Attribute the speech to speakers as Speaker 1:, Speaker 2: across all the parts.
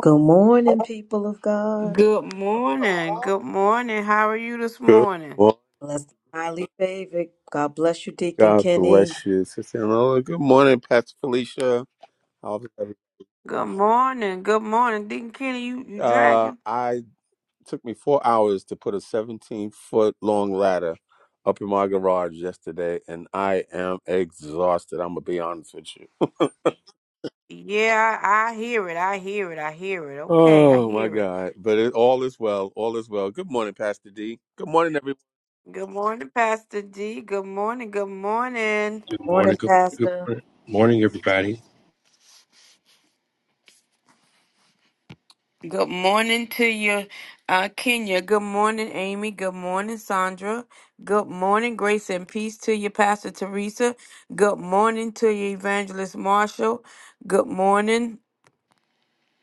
Speaker 1: Good morning, people of God.
Speaker 2: Good morning. Good morning. How are you this
Speaker 3: Good
Speaker 2: morning?
Speaker 3: morning.
Speaker 1: Blessed and highly favored. God bless you, Deacon
Speaker 3: God
Speaker 1: Kenny.
Speaker 3: bless you, Sister Enola. Good morning, Pastor Felicia. How's everything?
Speaker 2: Good morning. Good morning. Deacon Kenny, you, you
Speaker 3: Uh,
Speaker 2: dragging?
Speaker 3: I took me four hours to put a 17 foot long ladder up in my garage yesterday, and I am exhausted. I'm gonna be honest with you.
Speaker 2: Yeah, I, I hear it. I hear it. I hear it. Okay, I
Speaker 3: Oh my
Speaker 2: hear it.
Speaker 3: God! But it, all is well. All is well. Good morning, Pastor D. Good morning, everyone.
Speaker 2: Good morning, Pastor D. Good morning. Good morning.
Speaker 4: Good morning.
Speaker 1: Morning,
Speaker 4: Good morning. Good
Speaker 1: Pastor.
Speaker 4: morning, Morning, everybody.
Speaker 2: Good morning to you, uh, Kenya. Good morning, Amy. Good morning, Sandra. Good morning, grace and peace to you, Pastor Teresa. Good morning to you, Evangelist Marshall. Good morning.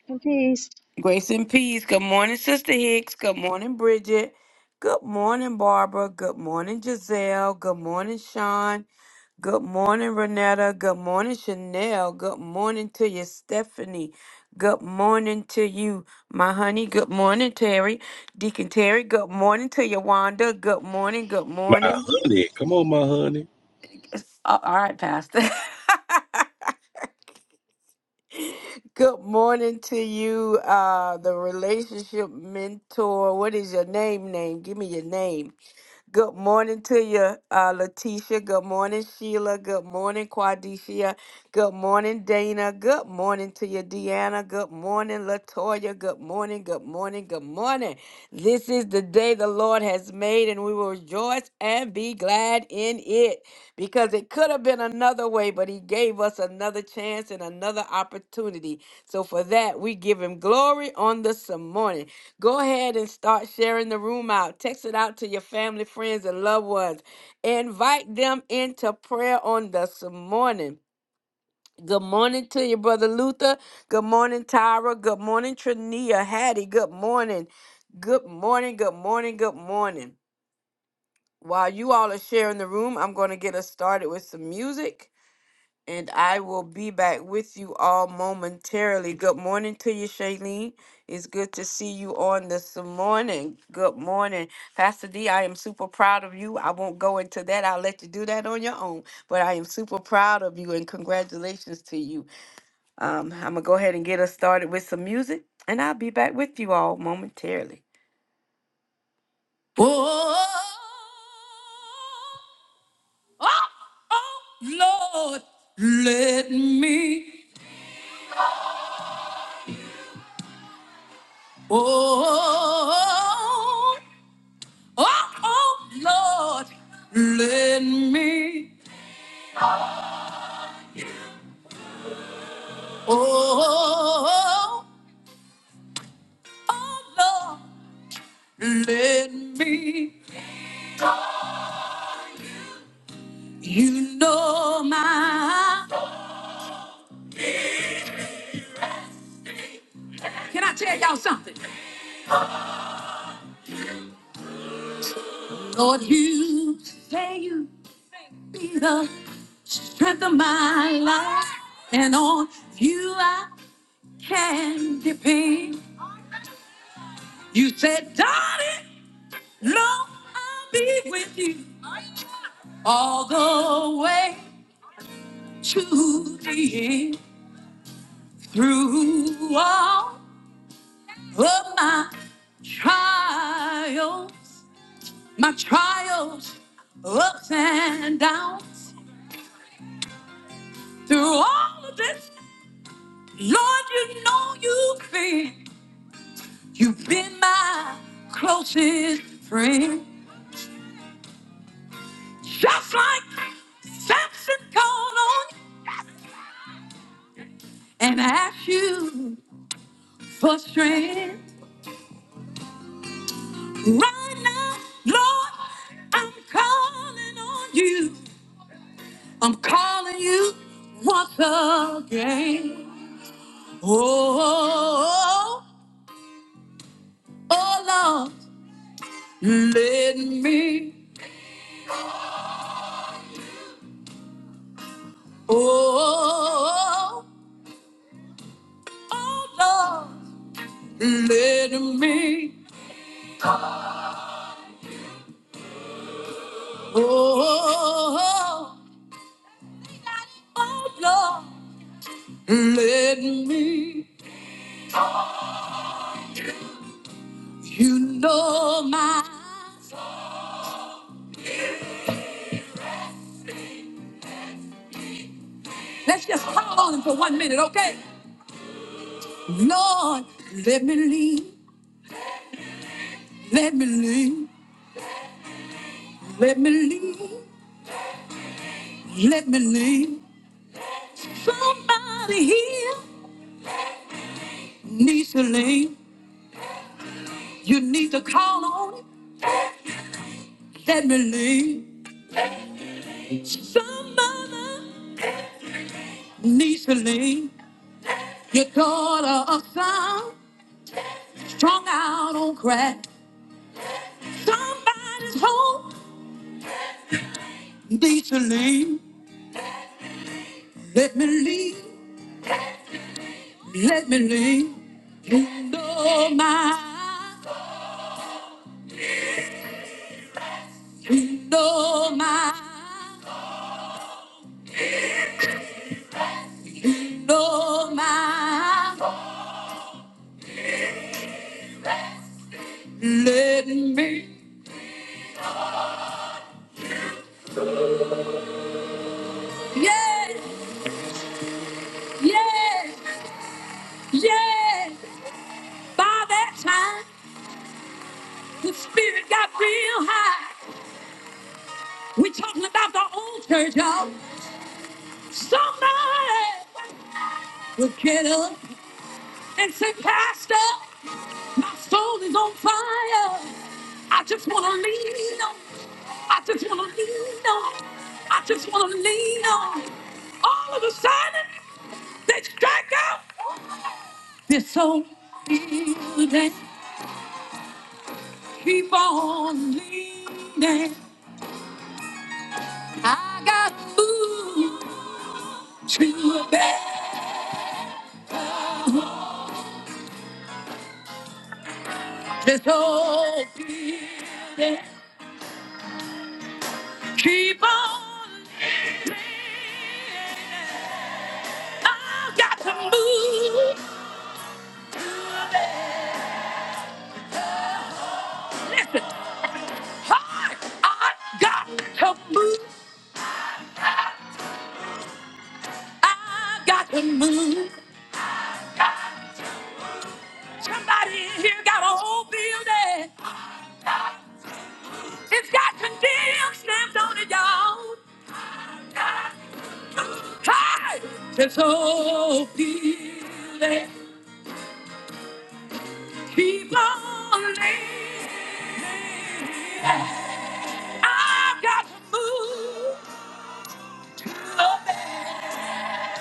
Speaker 5: and peace.
Speaker 2: Grace and peace. Good morning, Sister Hicks. Good morning, Bridget. Good morning, Barbara. Good morning, Giselle. Good morning, Sean. Good morning, Renetta. Good morning, Chanel. Good morning to you, Stephanie. Good morning to you, my honey. Good morning, Terry. Deacon Terry. Good morning to you, Wanda. Good morning. Good
Speaker 4: My
Speaker 2: morning.
Speaker 4: honey. Come on, my honey.
Speaker 2: Uh, all right, Pastor. Good morning to you, uh, the relationship mentor. What is your name? Name? Give me your name. Good morning to you, uh, Letitia. Good morning, Sheila. Good morning, Quadicia. Good morning, Dana. Good morning to you, Deanna. Good morning, Latoya. Good morning. Good morning. Good morning. This is the day the Lord has made, and we will rejoice and be glad in it because it could have been another way, but He gave us another chance and another opportunity. So for that, we give Him glory on this morning. Go ahead and start sharing the room out. Text it out to your family, friends, and loved ones. Invite them into prayer on this morning. Good morning to you, Brother Luther. Good morning, Tyra. Good morning, Trania. Hattie, good morning. Good morning, good morning, good morning. While you all are sharing the room, I'm going to get us started with some music. And I will be back with you all momentarily. Good morning to you, Shailene. It's good to see you on this morning. Good morning. Pastor D, I am super proud of you. I won't go into that. I'll let you do that on your own. But I am super proud of you and congratulations to you. Um, I'm going to go ahead and get us started with some music, and I'll be back with you all momentarily. Oh, oh, oh, Lord, let me. Oh, oh, oh, Lord, let me. Oh, oh, Lord, let me. You know my. Can I tell y'all something? Lord, you say you be the strength of my life, and on you I can depend. You said, darling, Lord, I'll be with you. all the way to the end, through all of my trials, my trials, ups and downs, through all of this, Lord, you know you've been, you've been my closest friend, just like Samson called on you and asked you for strength. Right now, Lord, I'm calling on you. I'm calling you once again. Oh, oh, oh oh, Lord, let me. Oh, oh oh, Lord, let me. Oh, oh oh, oh, Lord, let me. You know my. Let's just call on him for one minute, okay? Lord, let me lean, let me lean, let me lean, let me lean. Somebody here needs to lean. You need to call on it. Let me lean. Somebody needs to lean. Your daughter of sound, strung out on crack. Somebody's home needs to lean. Let me lean, let me lean. You know my Know my, know my. let me. Yes, yes, yes. By that time, the spirit got real high. We're talking about the old church, y'all. Somebody will get up and say, Pastor. My soul is on fire. I just want to lean on. I just want to lean on. I just want to lean on. All of a sudden, they strike out. This soul building, keep on leaning. I got food to bear. This old building Keep on living. I've got to move to a better. Listen, hard. I've got to move. I've got to move. Somebody in here got a whole building. It's got condemned stamped on it, y'all. Hi, this whole building. Keep on living. I've got to move to a better.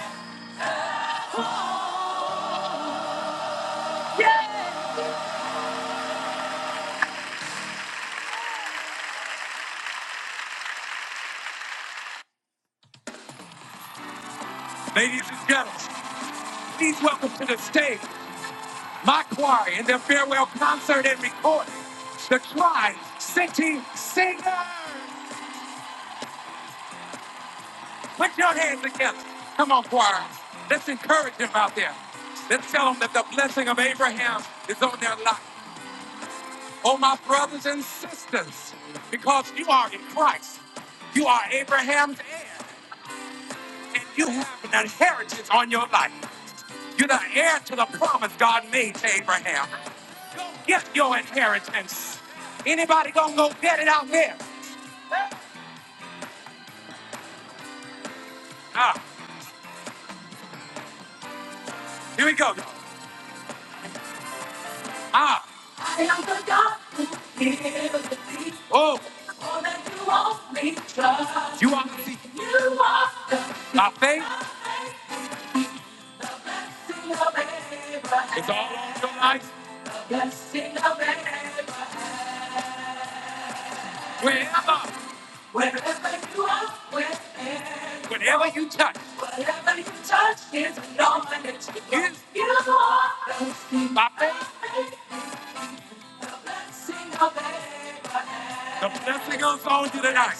Speaker 2: home. Yeah. Ladies and gentlemen, please welcome to the stage my choir in their farewell concert and recording, the Tri City Singers. Put your hands together. Come on, choir. Let's encourage them out there. Let's tell them that the blessing of Abraham is on their life. oh my brothers and sisters, because you are in Christ. You are Abraham's heir, and you have an inheritance on your life. You're the heir to the promise God made to Abraham. Go get your inheritance. Anybody gonna go get it out there? Ah, here we go. Ah, I am the God who heals the sea. oh, All that you want me to trust. You are the seed. My faith The blessing of Abraham. It's all on your life. The blessing of Abraham. Wherever, Wherever you are. Wherever. whatever you touch, Whatever you touch is anointed Yes. you. are the. sea. my faith. The blessing of on you tonight.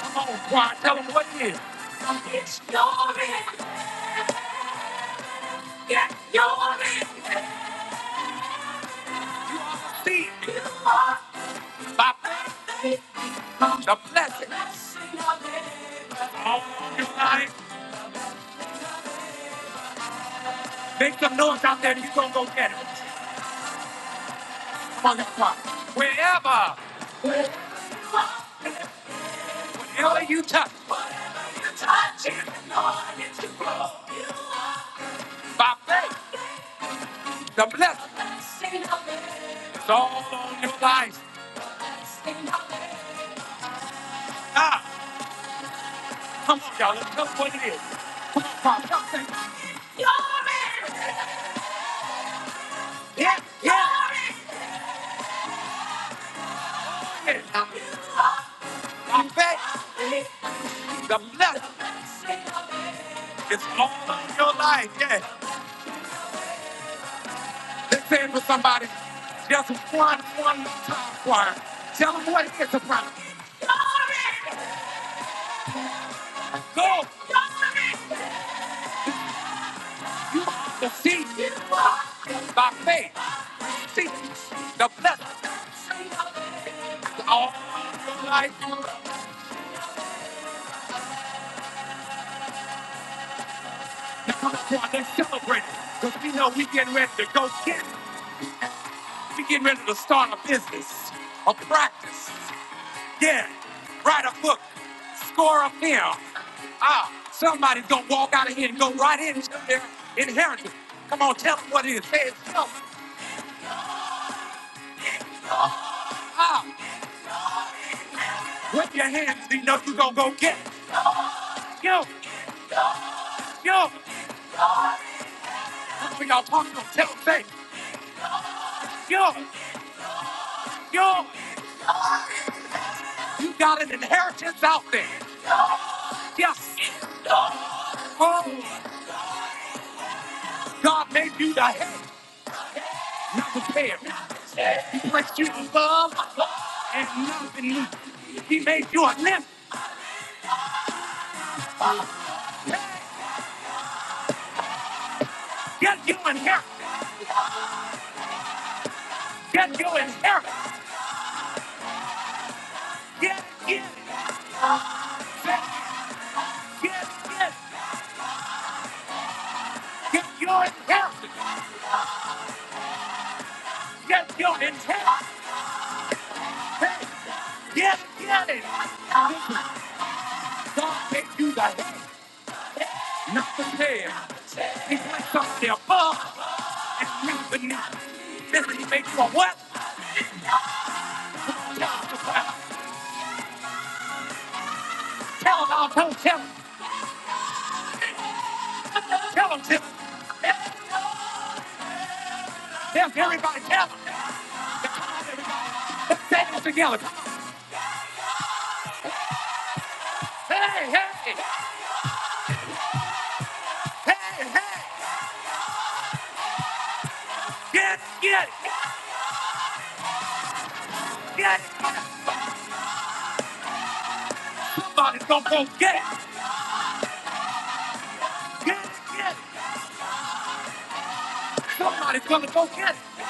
Speaker 2: Come on, choir, tell them what it is. It's glory. Get glory. And you are received by faith the blessing. All your life, make some noise out there. and You're going to go get it. Come on, that choir. Wherever, whenever you touch. Whatever you touch, it's anointed to grow. By faith. The blessing is all on your life. Ah, come on, y'all. Let's tell us what it is. Come on, y'all say, Yeah, yeah. yeah. I bet the blessing is all on your life. Yeah. Let's say it for somebody. Just one, one time choir. Tell them what it is, soprano. Go. The seed by faith. See, the blessing. All your life. Now come on, let's celebrate. Because we know we getting ready to go get it. We getting ready to start a business, a practice. Yeah. Write a book. Score a film. Ah, somebody's gonna walk out of here and go right into their inheritance. Come on, tell them what it is. Say it yourself. Ah, with your hands, you know you gonna go get it. Yo, yo, that's what y'all talking about. Tell them, say, yo, yo, you got an inheritance out there. Yes. Oh, God made you the head, not the tail. He blessed you in love and not in need. He made you a limb. Get you inheritance. Get you inheritance. Get it. Get get it. Get your inheritance. Get your inheritance. Hey, Get get it. This God made you the head, not the tail. He blessed us the above and not beneath. Listen, he made you a what? Just tell them, I'll tell them, tell them, tell them, tell them, everybody, tell 'em. Say it together. Hey, hey, hey, hey. Get it, get it, get it. Somebody's gonna go get it. Get it, get it. Somebody's gonna go get it.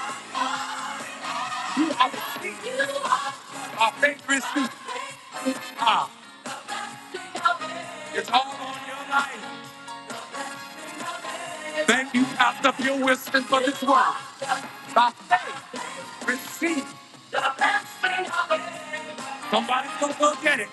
Speaker 2: You are receiving our favorite suit. ah, It's all on your life. Thank you, Pastor Bill Winston, for this word. By faith, receive the best of it. Somebody's gonna go get it.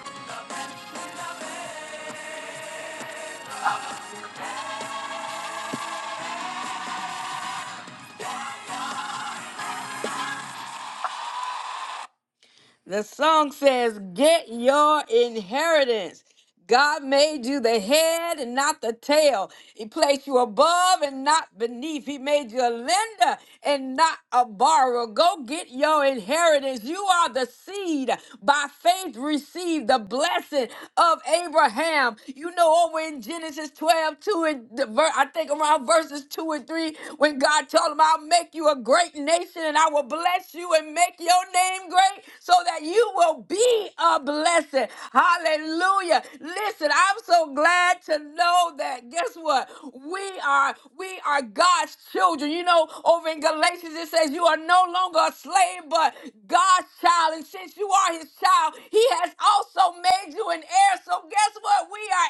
Speaker 2: The song says, Get your inheritance. God made you the head and not the tail. He placed you above and not beneath. He made you a lender and not a borrower. Go get your inheritance. You are the seed. By faith, receive the blessing of Abraham. You know, over in Genesis 12, 2 and the ver- I think around verses 2 and 3, when God told him, I'll make you a great nation and I will bless you and make your name great right? so that you will be a blessing. Hallelujah. Listen, I'm so glad to know that guess what? We are we are God's children. You know, over in Galatians it says you are no longer a slave but God's child and since you are his child, he has also made you an heir. So guess what? We are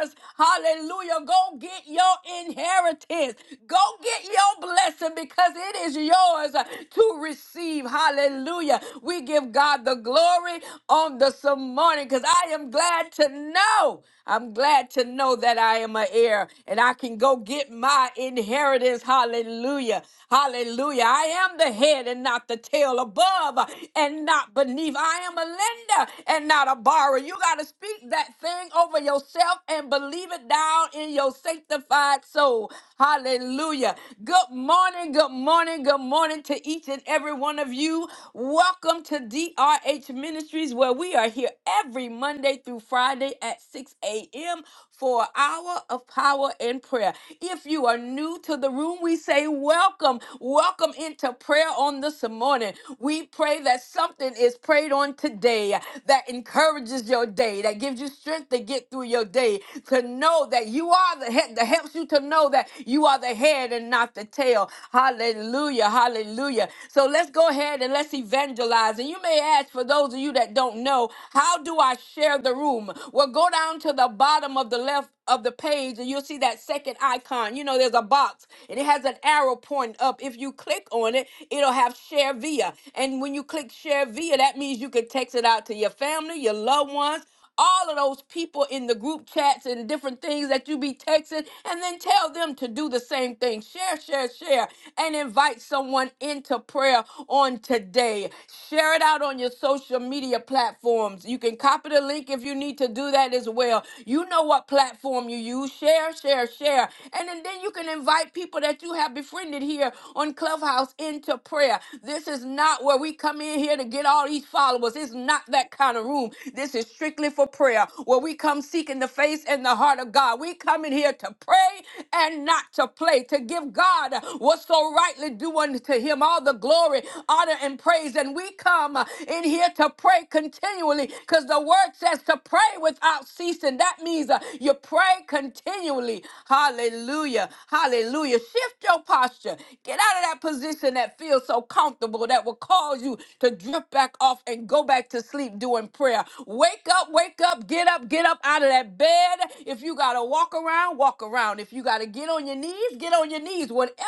Speaker 2: heirs. Hallelujah. Go get your inheritance. Go get your blessing because it is yours to receive. Hallelujah. Hallelujah. We give God the glory on this morning because I am glad to know. I'm glad to know that I am an heir and I can go get my inheritance. Hallelujah. Hallelujah. I am the head and not the tail, above and not beneath. I am a lender and not a borrower. You got to speak that thing over yourself and believe it down in your sanctified soul. Hallelujah. Good morning, good morning, good morning to each and every one of you you. Welcome to DRH Ministries, where we are here every Monday through Friday at 6 a.m. for an hour of power and prayer. If you are new to the room, we say welcome. Welcome into prayer on this morning. We pray that something is prayed on today that encourages your day, that gives you strength to get through your day, to know that you are the head, that helps you to know that you are the head and not the tail. Hallelujah. Hallelujah. So let's go let's go ahead and let's evangelize. And you may ask, for those of you that don't know, how do I share the room? Well, go down to the bottom of the left of the page and you'll see that second icon. You know, there's a box and it has an arrow pointing up. If you click on it, it'll have share via. And when you click share via, that means you can text it out to your family, your loved ones, all of those people in the group chats and different things that you be texting, and then tell them to do the same thing. Share, share, share, and invite someone into prayer on today. Share it out on your social media platforms. You can copy the link if you need to do that as well. You know what platform you use. Share, share, share. And then, then you can invite people that you have befriended here on Clubhouse into prayer. This is not not where we come in here to get all these followers. It's not that kind of room. This is strictly for prayer, where we come seeking the face and the heart of God. We come in here to pray and not to play, to give God what's so rightly due unto him, all the glory, honor, and praise. And we come in here to pray continually because the word says to pray without ceasing. That means uh, you pray continually. Hallelujah. Hallelujah. Hallelujah. Shift your posture. Get out of that position that feels so comfortable that will cause you to drift back off and go back to sleep doing prayer. Wake up, wake up, get up, get up out of that bed. If you got to walk around, walk around. If you got to get on your knees, get on your knees. Whatever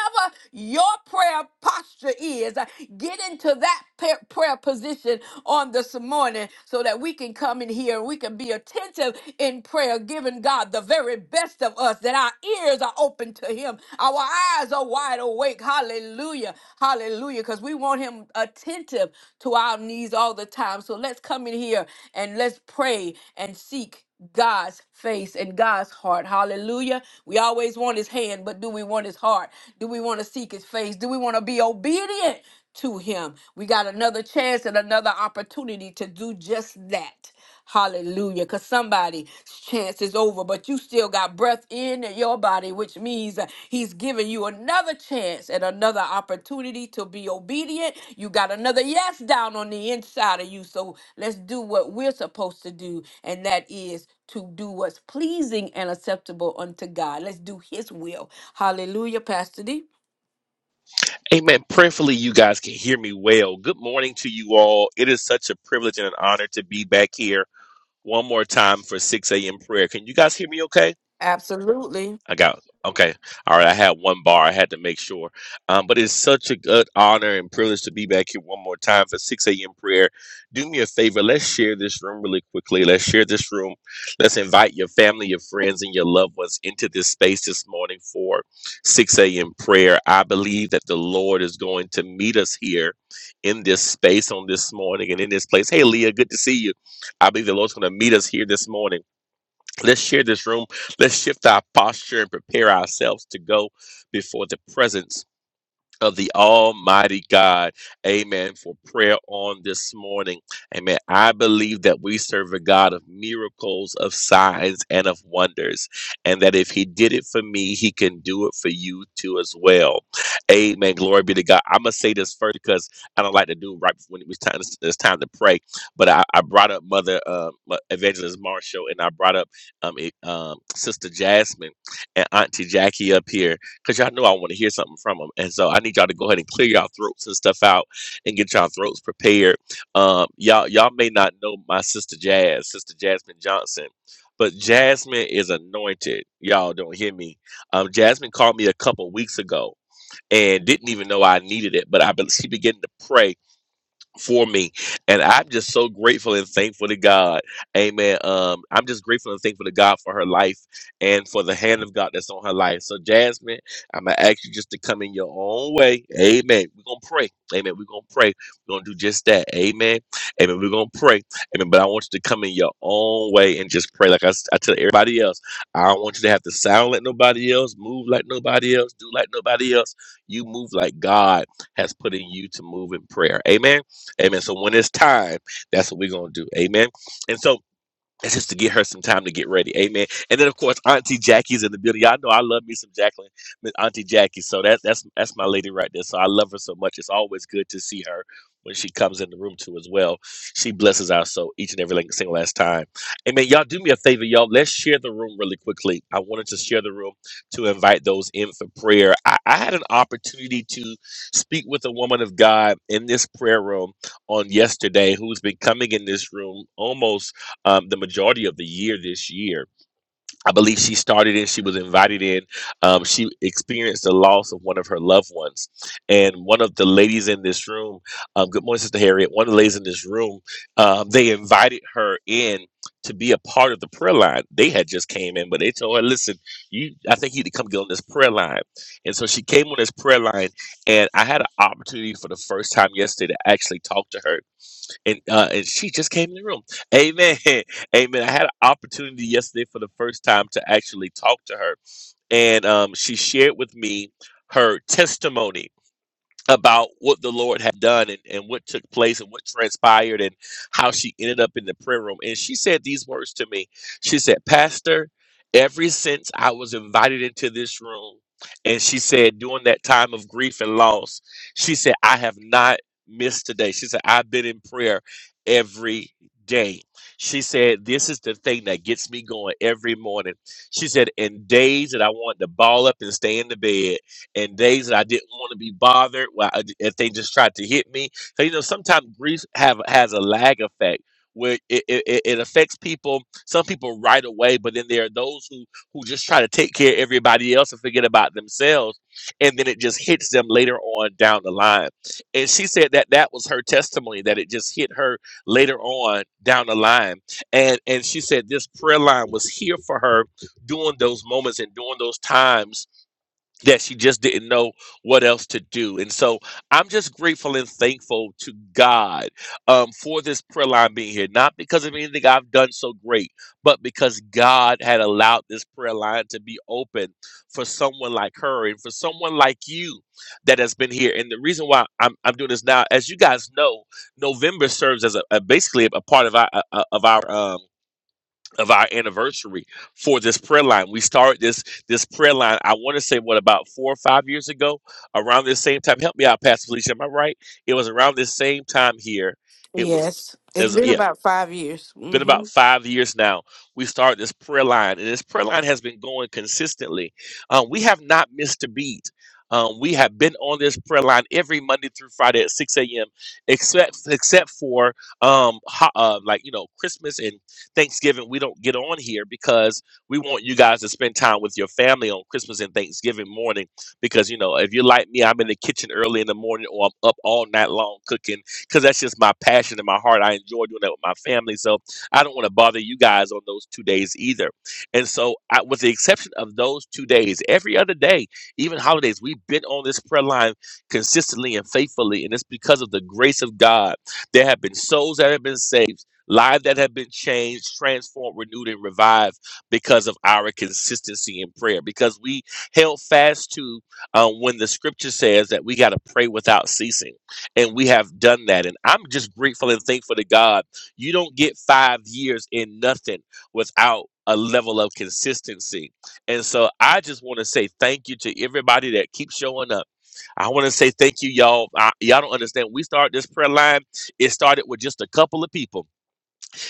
Speaker 2: your prayer posture is, get into that pa- prayer position on this morning so that we can come in here and we can be attentive in prayer, giving God the very best of us, that our ears are open to Him, our eyes are wide awake. Hallelujah. Hallelujah. Because we want Him attentive to our needs all the time. So let's come in here and let's pray and seek God's face and God's heart. Hallelujah. We always want his hand, but do we want his heart? Do we want to seek his face? Do we want to be obedient to him? We got another chance and another opportunity to do just that. Hallelujah. Because somebody's chance is over, but you still got breath in your body, which means that He's giving you another chance and another opportunity to be obedient. You got another yes down on the inside of you. So let's do what we're supposed to do, and that is to do what's pleasing and acceptable unto God. Let's do His will. Hallelujah, Pastor D.
Speaker 4: Amen. Prayerfully, you guys can hear me well. Good morning to you all. It is such a privilege and an honor to be back here one more time for 6 a.m. prayer. Can you guys hear me okay?
Speaker 2: Absolutely.
Speaker 4: I got okay. All right, I had one bar. I had to make sure. Um, but it's such a good honor and privilege to be back here one more time for 6 a.m. prayer. Do me a favor. Let's share this room really quickly. Let's share this room. Let's invite your family, your friends, and your loved ones into this space this morning for 6 a.m. prayer. I believe that the Lord is going to meet us here in this space on this morning and in this place. Hey, Leah, good to see you. I believe the Lord's going to meet us here this morning Let's share this room. Let's shift our posture and prepare ourselves to go before the presence of the Almighty God. Amen. For prayer on this morning. Amen. I believe that we serve a God of miracles, of signs, and of wonders. And that if He did it for me, He can do it for you too as well. Amen. Glory be to God. I'm going to say this first because I don't like to do right when it was time, it's time to pray. But I, I brought up Mother uh, Evangelist Marshall and I brought up um, e- um, Sister Jasmine and Auntie Jackie up here because y'all know I want to hear something from them. And so I need y'all to go ahead and clear y'all throats and stuff out and get y'all throats prepared. Um, y'all y'all may not know my sister Jazz, sister Jasmine Johnson, but Jasmine is anointed. Y'all don't hear me. Um, Jasmine called me a couple weeks ago and didn't even know I needed it, but I be- she began to pray for me. And I'm just so grateful and thankful to God. Amen. Um, I'm just grateful and thankful to God for her life and for the hand of God that's on her life. So, Jasmine, I'm going to ask you just to come in your own way. Amen. We're going to pray. Amen. We're going to pray. We're going to do just that. Amen. Amen. We're going to pray. Amen. But I want you to come in your own way and just pray. Like I, s- I tell everybody else, I don't want you to have to sound like nobody else, move like nobody else, do like nobody else. You move like God has put in you to move in prayer. Amen. Amen. So when it's time, that's what we're gonna do. Amen. And so that's just to get her some time to get ready. Amen. And then of course Auntie Jackie's in the building. Y'all know I love me some Jacqueline, Miss Auntie Jackie. So that's that's that's my lady right there. So I love her so much. It's always good to see her when she comes in the room too as well. She blesses our soul each and every like- single last time. Amen. Y'all do me a favor, y'all. Let's share the room really quickly. I wanted to share the room to invite those in for prayer. I, I had an opportunity to speak with a woman of God in this prayer room on yesterday who's been coming in this room almost um, the majority of the year this year. I believe she started in, she was invited in. Um, she experienced the loss of one of her loved ones. And one of the ladies in this room, um, good morning, Sister Harriet, one of the ladies in this room, um, they invited her in to be a part of the prayer line. They had just came in, but they told her, listen, you, I think you need to come get on this prayer line. And so she came on this prayer line, and I had an opportunity for the first time yesterday to actually talk to her and uh, and she just came in the room. Amen, amen. I had an opportunity yesterday for the first time to actually talk to her, and um, she shared with me her testimony about what the Lord had done and, and what took place and what transpired and how she ended up in the prayer room. And she said these words to me. She said, Pastor, ever since I was invited into this room, and she said, during that time of grief and loss, she said, I have not missed today. She said, I've been in prayer every day. She said, This is the thing that gets me going every morning. She said, In days that I wanted to ball up and stay in the bed and days that I didn't want to be bothered. Well, I, if they just tried to hit me, so you know, sometimes grief have has a lag effect where it, it, it it affects people. Some people right away, but then there are those who who just try to take care of everybody else and forget about themselves, and then it just hits them later on down the line. And she said that that was her testimony that it just hit her later on down the line. And and she said this prayer line was here for her during those moments and during those times that she just didn't know what else to do. And so I'm just grateful and thankful to God um, for this prayer line being here, not because of anything I've done so great, but because God had allowed this prayer line to be open for someone like her and for someone like you that has been here. And the reason why I'm, I'm doing this now, as you guys know, November serves as a, a basically a part of our, uh, uh, of our um, of our anniversary for this prayer line. We started this this prayer line. I want to say what about four or five years ago, around this same time. Help me out, Pastor Felicia. Am I right? It was around this same time here. It was.
Speaker 2: Yes. It's
Speaker 4: as
Speaker 2: been
Speaker 4: yeah
Speaker 2: about five years.
Speaker 4: been about five years now. We started this prayer line, and this prayer line has been going consistently. Um, we have not missed a beat. Um, we have been on this prayer line every Monday through Friday at 6 a.m. except except for um, ho- uh, like you know Christmas and Thanksgiving. We don't get on here because we want you guys to spend time with your family on Christmas and Thanksgiving morning. Because you know if you're like me, I'm in the kitchen early in the morning or I'm up all night long cooking because that's just my passion and my heart. I enjoy doing that with my family. So I don't want to bother you guys on those two days either. And so, I, with the exception of those two days, every other day, even holidays, we've been on this prayer line consistently and faithfully. And it's because of the grace of God. There have been souls that have been saved, lives that have been changed, transformed, renewed, and revived because of our consistency in prayer, because we held fast to uh, when the scripture says that we got to pray without ceasing. And we have done that. And I'm just grateful and thankful to God you don't get five years in nothing without a level of consistency. And so I just want to say thank you to everybody that keeps showing up. I want to say thank you, y'all. I, y'all don't understand. We started this prayer line. It started with just a couple of people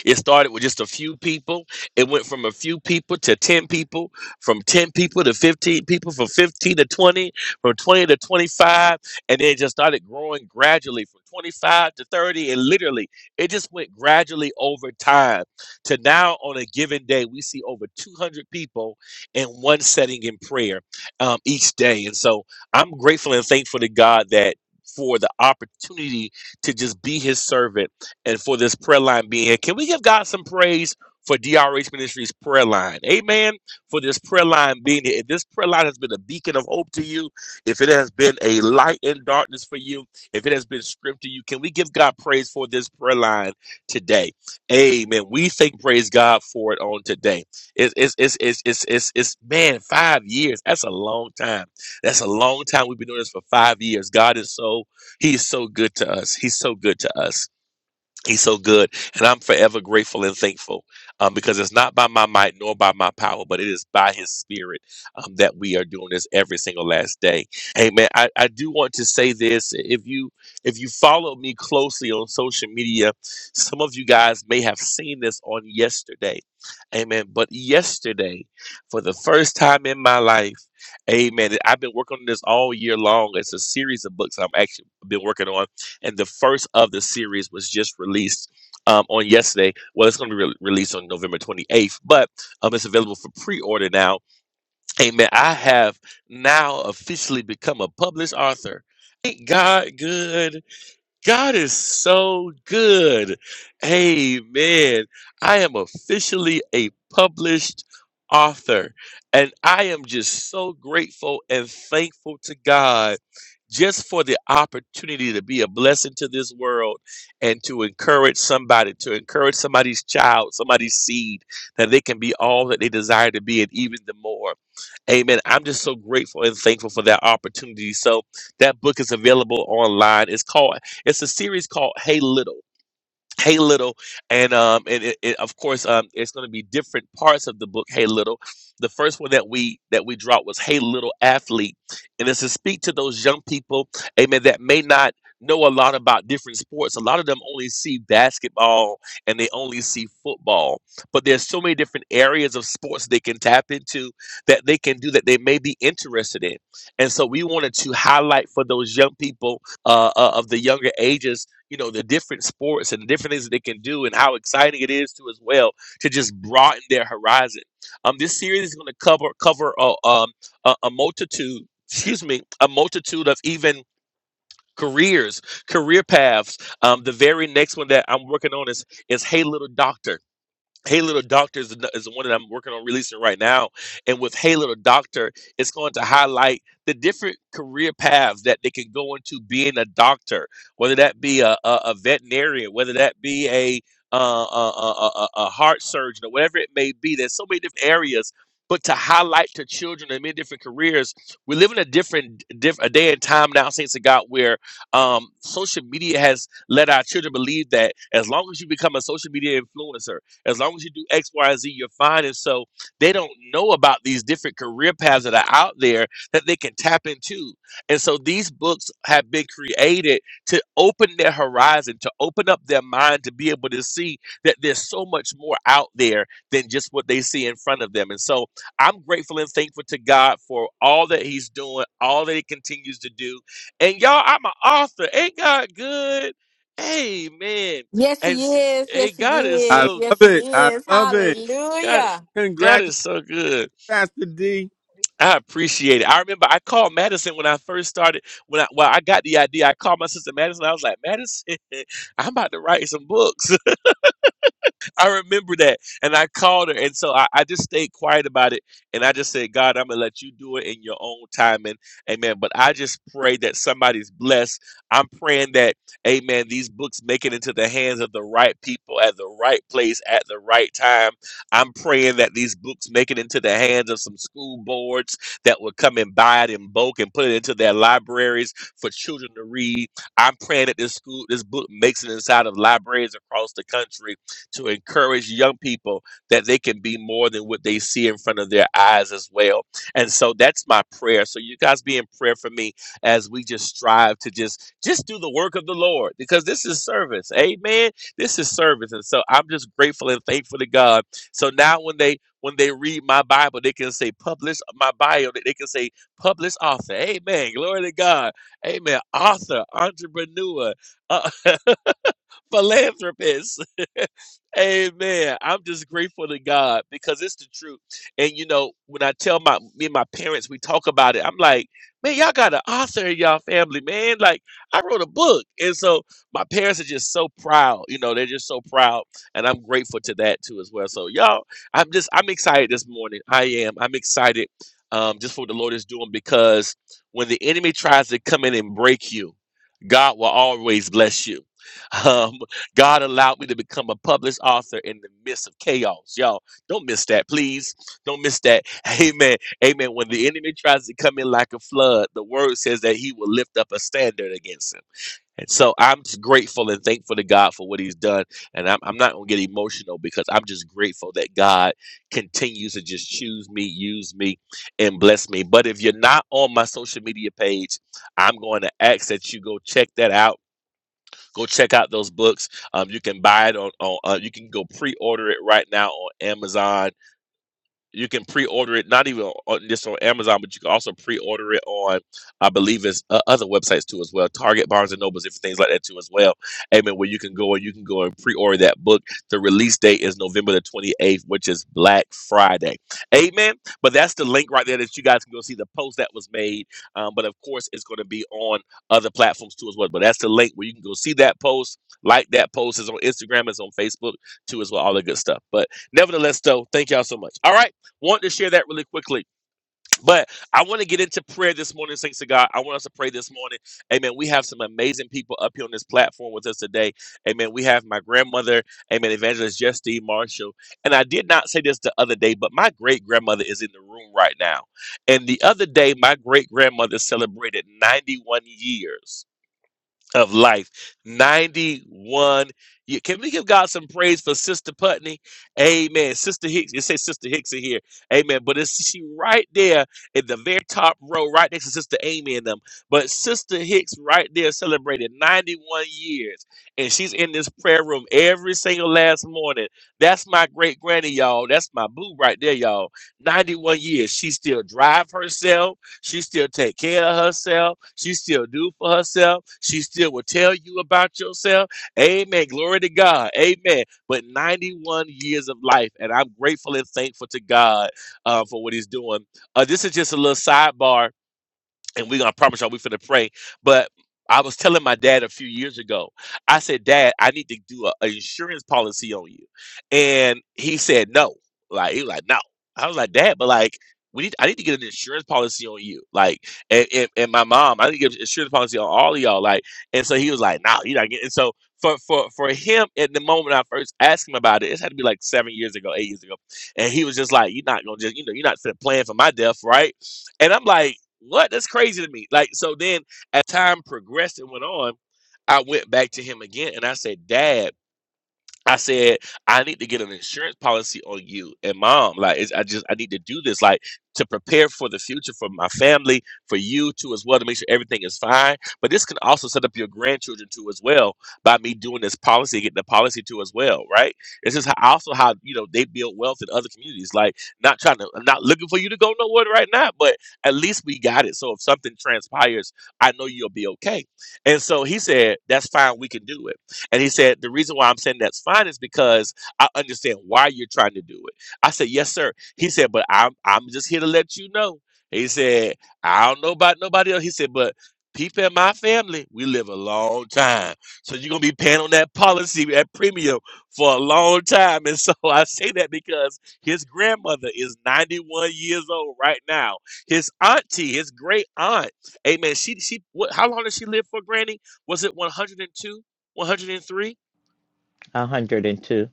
Speaker 4: it started with just a few people. It went from a few people to 10 people, from 10 people to 15 people, from 15 to 20, from 20 to 25. And then it just started growing gradually from 25 to 30. And literally, it just went gradually over time to now on a given day, we see over 200 people in one setting in prayer um, each day. And so I'm grateful and thankful to God that for the opportunity to just be his servant and for this prayer line being here. Can we give God some praise for DRH Ministries prayer line? Amen. For this prayer line being here. If this prayer line has been a beacon of hope to you, if it has been a light in darkness for you, if it has been script to you, can we give God praise for this prayer line today? Amen. We thank praise God for it on today. It's it's it's it's it's it's, it's man, five years. That's a long time. That's a long time. We've been doing this for five years. God is so He's so good to us. He's so good to us. He's so good. And I'm forever grateful and thankful um, because it's not by my might nor by my power, but it is by his spirit um, that we are doing this every single last day. Amen. I, I do want to say this. If you if you follow me closely on social media, some of you guys may have seen this on yesterday. Amen. But yesterday, for the first time in my life, amen. I've been working on this all year long. It's a series of books I've actually been working on and the first of the series was just released um, on yesterday. Well, it's going to be re- released on November 28th, but um, it's available for pre-order now. Amen. I have now officially become a published author. Ain't God good? God is so good. Amen. I am officially a published author, and I am just so grateful and thankful to God just for the opportunity to be a blessing to this world and to encourage somebody, to encourage somebody's child, somebody's seed, that they can be all that they desire to be and even the more. Amen. I'm just so grateful and thankful for that opportunity. So that book is available online. It's called, it's a series called Hey Little Hey Little, and um, and it, it, of course, um, it's going to be different parts of the book. Hey Little, the first one that we that we dropped was Hey Little Athlete, and it's to speak to those young people, amen, that may not know a lot about different sports. A lot of them only see basketball and they only see football, but there's so many different areas of sports they can tap into that they can do that they may be interested in, and so we wanted to highlight for those young people uh, uh, of the younger ages you know the different sports and the different things that they can do and how exciting it is to as well to just broaden their horizon um this series is going to cover cover a, um a, a multitude excuse me a multitude of even careers career paths um the very next one that i'm working on is is hey little doctor Hey Little Doctor is, the- is the one that I'm working on releasing right now. And with Hey Little Doctor, it's going to highlight the different career paths that they can go into being a doctor, whether that be a, a, a veterinarian, whether that be a, uh, a, a, a a heart surgeon, or whatever it may be. There's so many different areas. But to highlight to children and many different careers, we live in a different, diff, a day and time now, saints of God, where um, social media has let our children believe that as long as you become a social media influencer, as long as you do X, Y, Z, you're fine. And so they don't know about these different career paths that are out there that they can tap into. And so these books have been created to open their horizon, to open up their mind, to be able to see that there's so much more out there than just what they see in front of them. And so I'm grateful and thankful to God for all that He's doing, all that He continues to do. And y'all, I'm an author. Ain't God good? Amen.
Speaker 2: Yes,
Speaker 4: And
Speaker 2: he
Speaker 4: s-
Speaker 2: is.
Speaker 4: hey,
Speaker 2: Yes, he
Speaker 4: God is
Speaker 3: I
Speaker 2: is.
Speaker 4: so
Speaker 2: Yes,
Speaker 3: love
Speaker 2: he
Speaker 3: it. I
Speaker 2: is.
Speaker 3: love it.
Speaker 4: God,
Speaker 2: Hallelujah.
Speaker 4: God is
Speaker 3: Congratulations,
Speaker 4: so good.
Speaker 3: Pastor D.
Speaker 4: I appreciate it. I remember I called Madison when I first started. When I well, I got the idea, I called my sister Madison. I was like, Madison, I'm about to write some books. I remember that. And I called her. And so I, I just stayed quiet about it. And I just said, God, I'm going to let you do it in your own time. And amen. But I just pray that somebody's blessed. I'm praying that, amen, these books make it into the hands of the right people at the right place at the right time. I'm praying that these books make it into the hands of some school boards that will come and buy it in bulk and put it into their libraries for children to read. I'm praying that this school, this book makes it inside of libraries across the country to encourage young people that they can be more than what they see in front of their eyes as well. And so that's my prayer. So you guys be in prayer for me as we just strive to just just do the work of the Lord because this is service. Amen. This is service. And so I'm just grateful and thankful to God. So now when they when they read my Bible, they can say publish my bio. They can say publish author. Amen. Glory to God. Amen. Author, entrepreneur, uh, philanthropist. Amen. I'm just grateful to God because it's the truth. And you know, when I tell my me and my parents, we talk about it. I'm like, man, y'all got an author in y'all family, man. Like, I wrote a book, and so my parents are just so proud. You know, they're just so proud, and I'm grateful to that too as well. So, y'all, I'm just I'm excited this morning. I am. I'm excited um, just for what the Lord is doing because when the enemy tries to come in and break you, God will always bless you. Um, God allowed me to become a published author in the midst of chaos. Y'all, don't miss that, please. Don't miss that. Amen. Amen. When the enemy tries to come in like a flood, the word says that he will lift up a standard against him. And so I'm just grateful and thankful to God for what he's done. And I'm, I'm not going to get emotional because I'm just grateful that God continues to just choose me, use me, and bless me. But if you're not on my social media page, I'm going to ask that you go check that out Go check out those books. Um, you can buy it on, on uh, you can go pre-order it right now on Amazon you can pre-order it not even on, just on amazon but you can also pre-order it on i believe it's uh, other websites too as well target barnes and nobles different things like that too as well amen where you can go and you can go and pre-order that book the release date is november the 28th which is black friday amen but that's the link right there that you guys can go see the post that was made um, but of course it's going to be on other platforms too as well but that's the link where you can go see that post like that post is on instagram it's on facebook too as well all the good stuff but Nevertheless, though, thank y'all so much. All right want to share that really quickly. But I want to get into prayer this morning, thanks to God. I want us to pray this morning. Amen. We have some amazing people up here on this platform with us today. Amen. We have my grandmother, Amen, Evangelist Justine Marshall. And I did not say this the other day, but my great grandmother is in the room right now. And the other day, my great grandmother celebrated 91 years of life. 91 years. Can we give God some praise for Sister Putney? Amen. Sister Hicks, it says Sister Hicks in here. Amen. But it's she right there at the very top row, right next to Sister Amy and them. But Sister Hicks right there celebrated 91 years. And she's in this prayer room every single last morning. That's my great granny, y'all. That's my boo right there, y'all. 91 years. She still drive herself. She still take care of herself. She still do for herself. She still will tell you about yourself. Amen. Glory to God. Amen. But 91 years of life, and I'm grateful and thankful to God uh, for what He's doing. Uh, this is just a little sidebar and we're gonna promise y'all we're gonna pray. But I was telling my dad a few years ago, I said, Dad, I need to do a, a insurance policy on you. And he said no. Like he was like, no. I was like, Dad, but like we need I need to get an insurance policy on you. Like and, and, and my mom, I need to get an insurance policy on all of y'all. Like, and so he was like, no, nah, you're not getting and so for, for for him at the moment I first asked him about it, it had to be like seven years ago, eight years ago. And he was just like, You're not gonna just, you know, you're not set plan for my death, right? And I'm like, what? That's crazy to me. Like, so then as time progressed and went on, I went back to him again and I said, Dad. I said, I need to get an insurance policy on you and mom. Like, it's, I just, I need to do this, like, to prepare for the future for my family, for you too, as well, to make sure everything is fine. But this can also set up your grandchildren too, as well, by me doing this policy, getting the policy too, as well, right? This is how, also how, you know, they build wealth in other communities. Like, not trying to, I'm not looking for you to go nowhere right now, but at least we got it. So if something transpires, I know you'll be okay. And so he said, that's fine, we can do it. And he said, The reason why I'm saying that's fine is because I understand why you're trying to do it. I said, Yes, sir. He said, But I'm I'm just here to let you know. He said, I don't know about nobody else. He said, but people in my family, we live a long time. So you're gonna be paying on that policy, that premium for a long time. And so I say that because his grandmother is 91 years old right now. His auntie, his great aunt, amen. She she what how long did she live for, Granny? Was it 102? 103
Speaker 6: 102.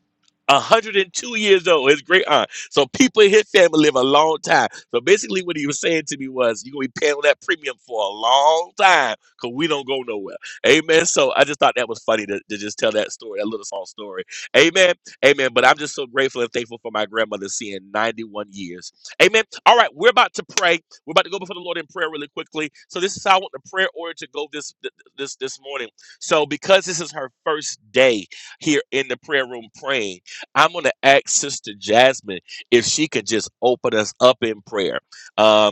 Speaker 4: 102 years old, his great aunt. So people in his family live a long time. So basically, what he was saying to me was, You're going to be paying that premium for a long time because we don't go nowhere. Amen. So I just thought that was funny to, to just tell that story, that little small story. Amen. Amen. But I'm just so grateful and thankful for my grandmother seeing 91 years. Amen. All right, we're about to pray. We're about to go before the Lord in prayer really quickly. So this is how I want the prayer order to go this this this morning. So because this is her first day here in the prayer room praying. I'm going to ask Sister Jasmine if she could just open us up in prayer. Um,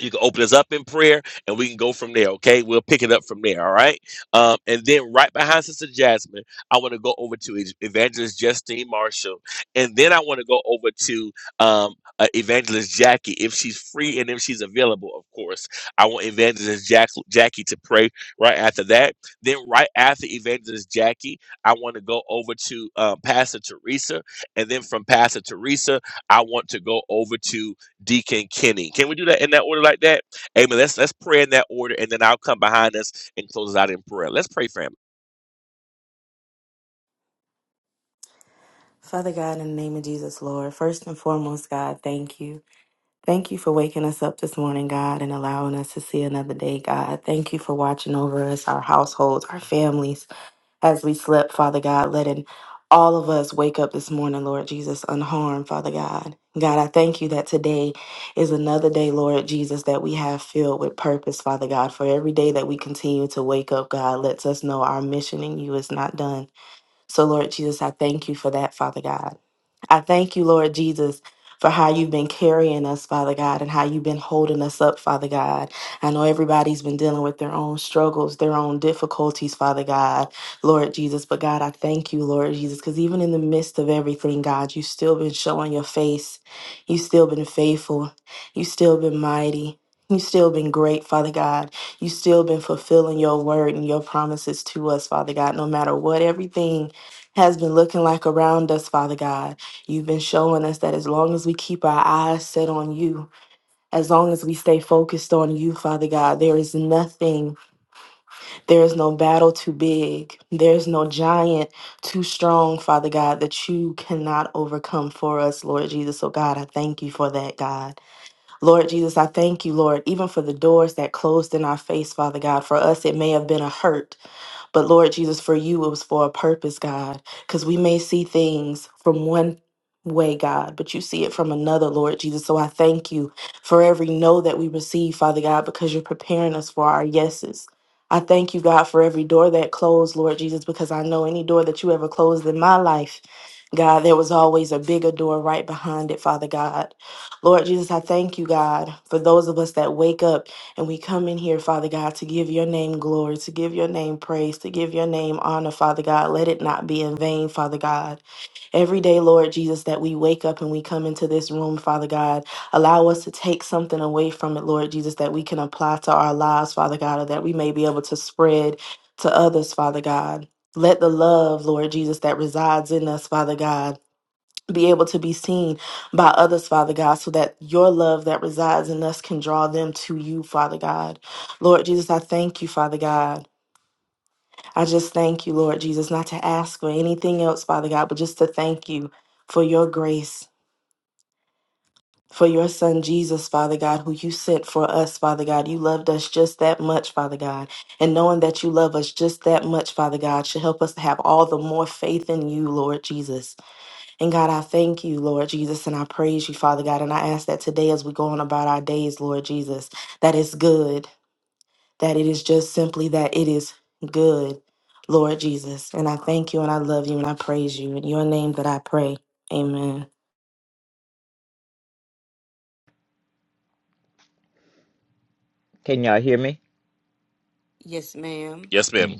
Speaker 4: you can open us up in prayer and we can go from there okay we'll pick it up from there all right um, and then right behind sister jasmine i want to go over to Ev- evangelist justine marshall and then i want to go over to um, uh, evangelist jackie if she's free and if she's available of course i want evangelist Jack- jackie to pray right after that then right after evangelist jackie i want to go over to um, pastor teresa and then from pastor teresa i want to go over to Deacon Kenny. Can we do that in that order like that? Amen. Let's let's pray in that order, and then I'll come behind us and close us out in prayer. Let's pray, family.
Speaker 7: Father God, in the name of Jesus, Lord, first and foremost, God, thank you. Thank you for waking us up this morning, God, and allowing us to see another day, God. Thank you for watching over us, our households, our families, as we slept, Father God, letting all of us wake up this morning, Lord Jesus, unharmed, Father God. God, I thank you that today is another day, Lord Jesus, that we have filled with purpose, Father God. For every day that we continue to wake up, God lets us know our mission in you is not done. So, Lord Jesus, I thank you for that, Father God. I thank you, Lord Jesus. For how you've been carrying us, Father God, and how you've been holding us up, Father God. I know everybody's been dealing with their own struggles, their own difficulties, Father God, Lord Jesus. But God, I thank you, Lord Jesus, because even in the midst of everything, God, you've still been showing your face. You've still been faithful. You've still been mighty. You've still been great, Father God. You've still been fulfilling your word and your promises to us, Father God, no matter what everything has been looking like around us, Father God. You've been showing us that as long as we keep our eyes set on you, as long as we stay focused on you, Father God, there is nothing, there is no battle too big, there's no giant too strong, Father God, that you cannot overcome for us, Lord Jesus. So, God, I thank you for that, God. Lord Jesus, I thank you, Lord, even for the doors that closed in our face, Father God. For us, it may have been a hurt, but Lord Jesus, for you, it was for a purpose, God, because we may see things from one way, God, but you see it from another, Lord Jesus. So I thank you for every no that we receive, Father God, because you're preparing us for our yeses. I thank you, God, for every door that closed, Lord Jesus, because I know any door that you ever closed in my life, God, there was always a bigger door right behind it, Father God. Lord Jesus, I thank you, God, for those of us that wake up and we come in here, Father God, to give your name glory, to give your name praise, to give your name honor, Father God. Let it not be in vain, Father God. Every day, Lord Jesus, that we wake up and we come into this room, Father God, allow us to take something away from it, Lord Jesus, that we can apply to our lives, Father God, or that we may be able to spread to others, Father God. Let the love, Lord Jesus, that resides in us, Father God, be able to be seen by others, Father God, so that your love that resides in us can draw them to you, Father God. Lord Jesus, I thank you, Father God. I just thank you, Lord Jesus, not to ask for anything else, Father God, but just to thank you for your grace. For your son Jesus, Father God, who you sent for us, Father God. You loved us just that much, Father God. And knowing that you love us just that much, Father God, should help us to have all the more faith in you, Lord Jesus. And God, I thank you, Lord Jesus, and I praise you, Father God. And I ask that today, as we go on about our days, Lord Jesus, that it's good, that it is just simply that it is good, Lord Jesus. And I thank you and I love you and I praise you. In your name that I pray. Amen.
Speaker 6: Can y'all hear me?
Speaker 2: Yes, ma'am.
Speaker 4: Yes,
Speaker 6: Mm.
Speaker 4: ma'am.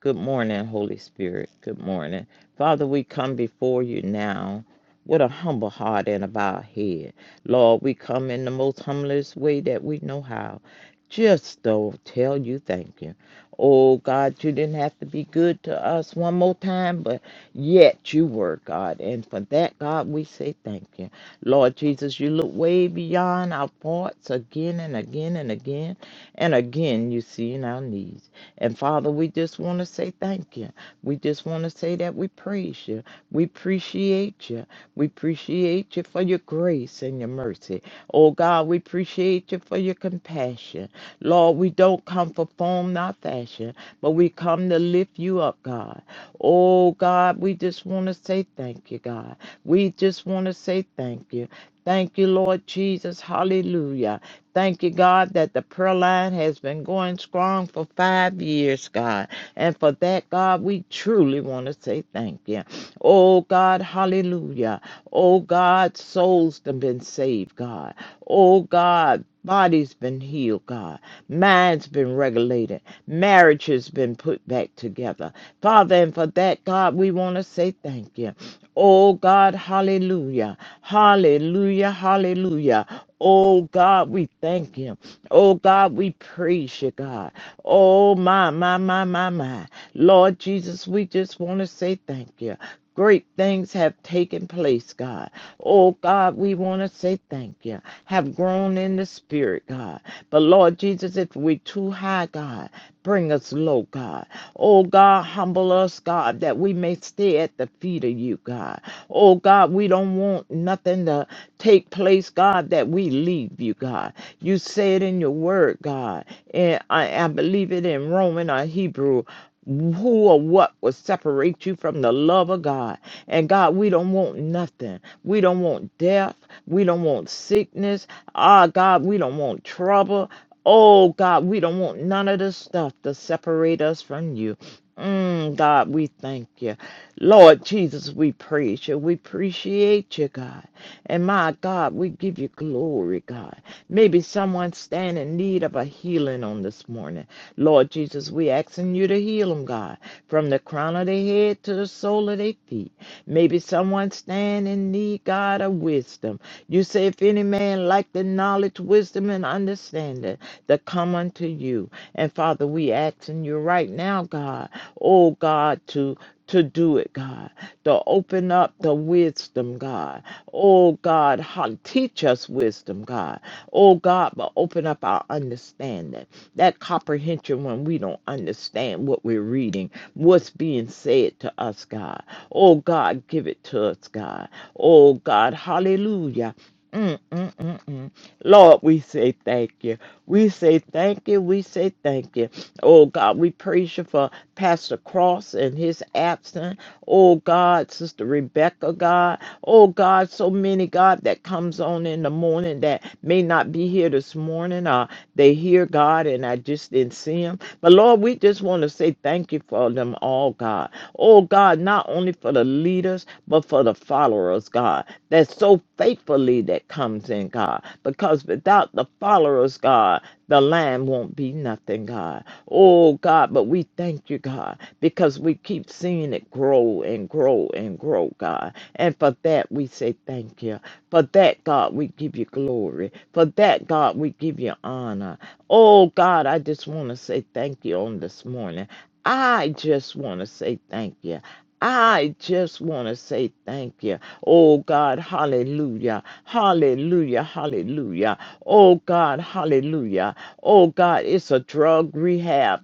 Speaker 6: Good morning, Holy Spirit. Good morning. Father, we come before you now with a humble heart and a bowed head. Lord, we come in the most humblest way that we know how. Just to tell you thank you. Oh God, you didn't have to be good to us one more time, but yet you were God. And for that, God, we say thank you. Lord Jesus, you look way beyond our faults again and again and again. And again, you see in our needs. And Father, we just want to say thank you. We just want to say that we praise you. We appreciate you. We appreciate you for your grace and your mercy. Oh God, we appreciate you for your compassion. Lord, we don't come for form, not fashion, but we come to lift you up, God. Oh God, we just want to say thank you, God. We just want to say thank you. Thank you, Lord Jesus. Hallelujah. Thank you, God, that the prayer line has been going strong for five years, God. And for that, God, we truly want to say thank you. Oh, God, hallelujah. Oh, God, souls have been saved, God. Oh, God, bodies been healed, God. Minds been regulated. Marriage has been put back together. Father, and for that, God, we want to say thank you. Oh, God, hallelujah. Hallelujah, hallelujah. Oh God, we thank you. Oh God, we praise you, God. Oh my, my, my, my, my. Lord Jesus, we just want to say thank you. Great things have taken place, God. Oh God, we want to say thank you. Have grown in the spirit, God. But Lord Jesus, if we are too high, God, bring us low, God. Oh God, humble us, God, that we may stay lay at the feet of you, God. Oh, God, we don't want nothing to take place, God, that we leave you, God. You say it in your word, God. And I, I believe it in Roman or Hebrew. Who or what will separate you from the love of God? And God, we don't want nothing. We don't want death. We don't want sickness. Ah, God, we don't want trouble. Oh, God, we don't want none of this stuff to separate us from you. Mm, God, we thank you. Lord Jesus, we praise you. We appreciate you, God. And my God, we give you glory, God. Maybe someone stand in need of a healing on this morning. Lord Jesus, we asking you to heal them, God, from the crown of their head to the sole of their feet. Maybe someone stand in need, God, of wisdom. You say, if any man lack the knowledge, wisdom, and understanding, that come unto you. And Father, we asking you right now, God, oh God, to to do it, God, to open up the wisdom, God. Oh God, how, teach us wisdom, God. Oh God, but open up our understanding, that comprehension when we don't understand what we're reading, what's being said to us, God. Oh God, give it to us, God. Oh God, hallelujah. Mm, mm, mm, mm. Lord, we say thank you. We say thank you. We say thank you. Oh God, we praise you for Pastor Cross and his absence. Oh God, Sister Rebecca, God. Oh God, so many, God, that comes on in the morning that may not be here to this morning or they hear God and I just didn't see him. But Lord, we just want to say thank you for them all, God. Oh, God, not only for the leaders, but for the followers, God, that so faithfully that comes in, God. Because without the followers, God, the lamb won't be nothing, God. Oh, God, but we thank you, God, because we keep seeing it grow and grow and grow, God. And for that, we say thank you. For that, God, we give you glory. For that, God, we give you honor. Oh, God, I just want to say thank you on this morning. I just want to say thank you. I just want to say thank you. Oh God, hallelujah, hallelujah, hallelujah. Oh God, hallelujah. Oh God, it's a drug rehab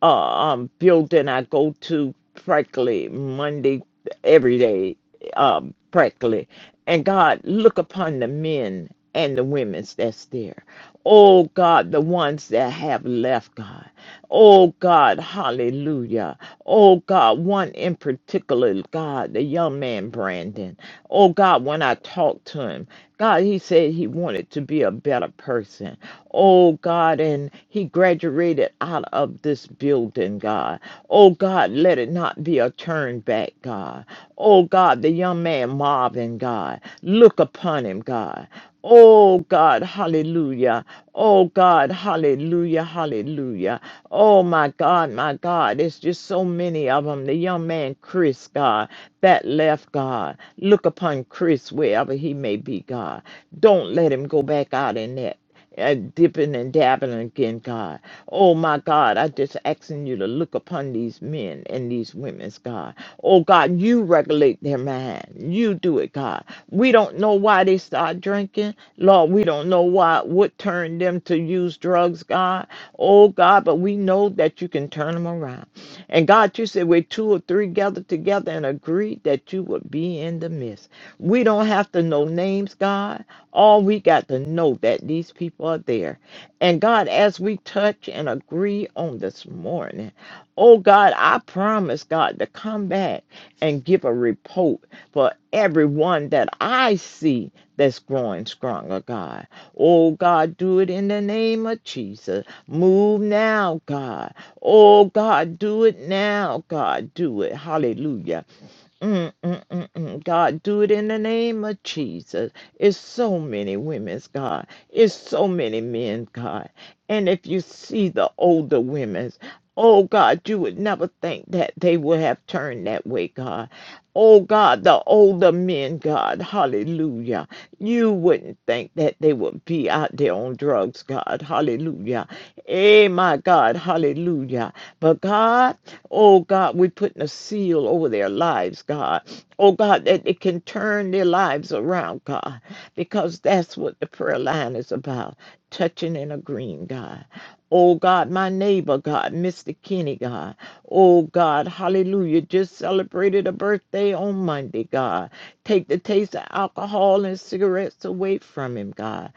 Speaker 6: uh, um, building I go to practically Monday every day, um, practically. And God, look upon the men and the women that's there. Oh God, the ones that have left, God. Oh God, hallelujah. Oh God, one in particular, God, the young man Brandon. Oh God, when I talked to him, God, he said he wanted to be a better person. Oh God, and he graduated out of this building, God. Oh God, let it not be a turn back, God. Oh God, the young man Marvin, God, look upon him, God. Oh God, hallelujah. Oh God, hallelujah, hallelujah. Oh my God, my God, it's just so many of them. The young man, Chris, God, that left, God. Look upon Chris wherever he may be, God. Don't let him go back out in that uh, dipping and dabbing again, God. Oh my God, I just asking you to look upon these men and these women's God. Oh God, you regulate their mind. You do it, God. We don't know why they start drinking, Lord. We don't know why what turned them to use drugs, God. Oh God, but we know that you can turn them around. And God, you said where two or three gather together and agree that you would be in the midst. We don't have to know names, God. All we got to know that these people are there. And God, as we touch and agree on this morning, oh God, I promise God to come back and give a report for everyone that I see that's growing stronger, God. Oh God, do it in the name of Jesus. Move now, God. Oh God, do it now, God. Do it. Hallelujah. Mm, mm, mm, mm. God, do it in the name of Jesus. It's so many women's God. It's so many men, God. And if you see the older women's, oh God, you would never think that they would have turned that way, God. Oh God, the older men, God, hallelujah. You wouldn't think that they would be out there on drugs, God, hallelujah. Eh, my God, hallelujah. But God, oh God, we're putting a seal over their lives, God. Oh God, that they can turn their lives around, God, because that's what the prayer line is about touching and agreeing, God. Oh God, my neighbor, God, Mr. Kenny, God. Oh God, hallelujah. Just celebrated a birthday on Monday, God. Take the taste of alcohol and cigarettes away from him, God.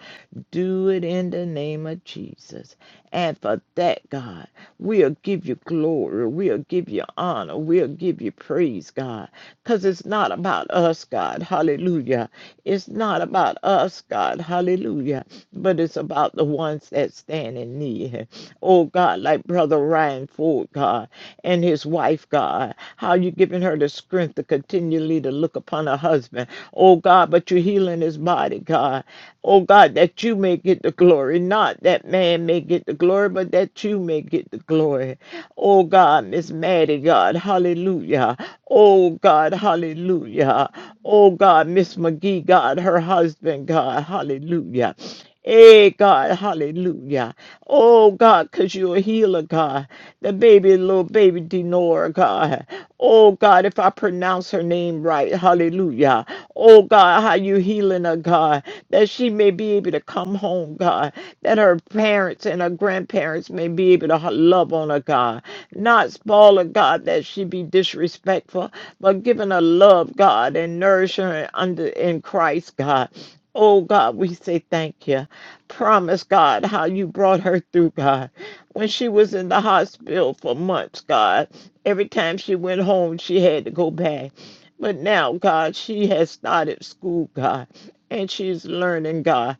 Speaker 6: Do it in the name of Jesus. And for that, God, we'll give you glory. We'll give you honor. We'll give you praise, God. Because it's not about us, God. Hallelujah. It's not about us, God. Hallelujah. But it's about the ones that stand in need. Oh, God, like Brother Ryan Ford, God, and his wife, God. How you giving her the strength to continually to look look upon her husband. Oh God, but you're healing his body, God. Oh God, that you may get the glory, not that man may get the glory, but that you may get the glory. Oh God, Miss Maddie, God, hallelujah. Oh God, hallelujah. Oh God, Miss McGee, God, her husband, God, hallelujah. Hey, God, hallelujah. Oh, God, because you're a healer, God. The baby, little baby Denora, God. Oh, God, if I pronounce her name right, hallelujah. Oh, God, how you healing her, God, that she may be able to come home, God, that her parents and her grandparents may be able to h- love on her, God. Not spoil her, God, that she be disrespectful, but giving her love, God, and nourishing her under in Christ, God. Oh God, we say thank you. Promise God how you brought her through, God. When she was in the hospital for months, God, every time she went home, she had to go back. But now, God, she has started school, God, and she's learning, God.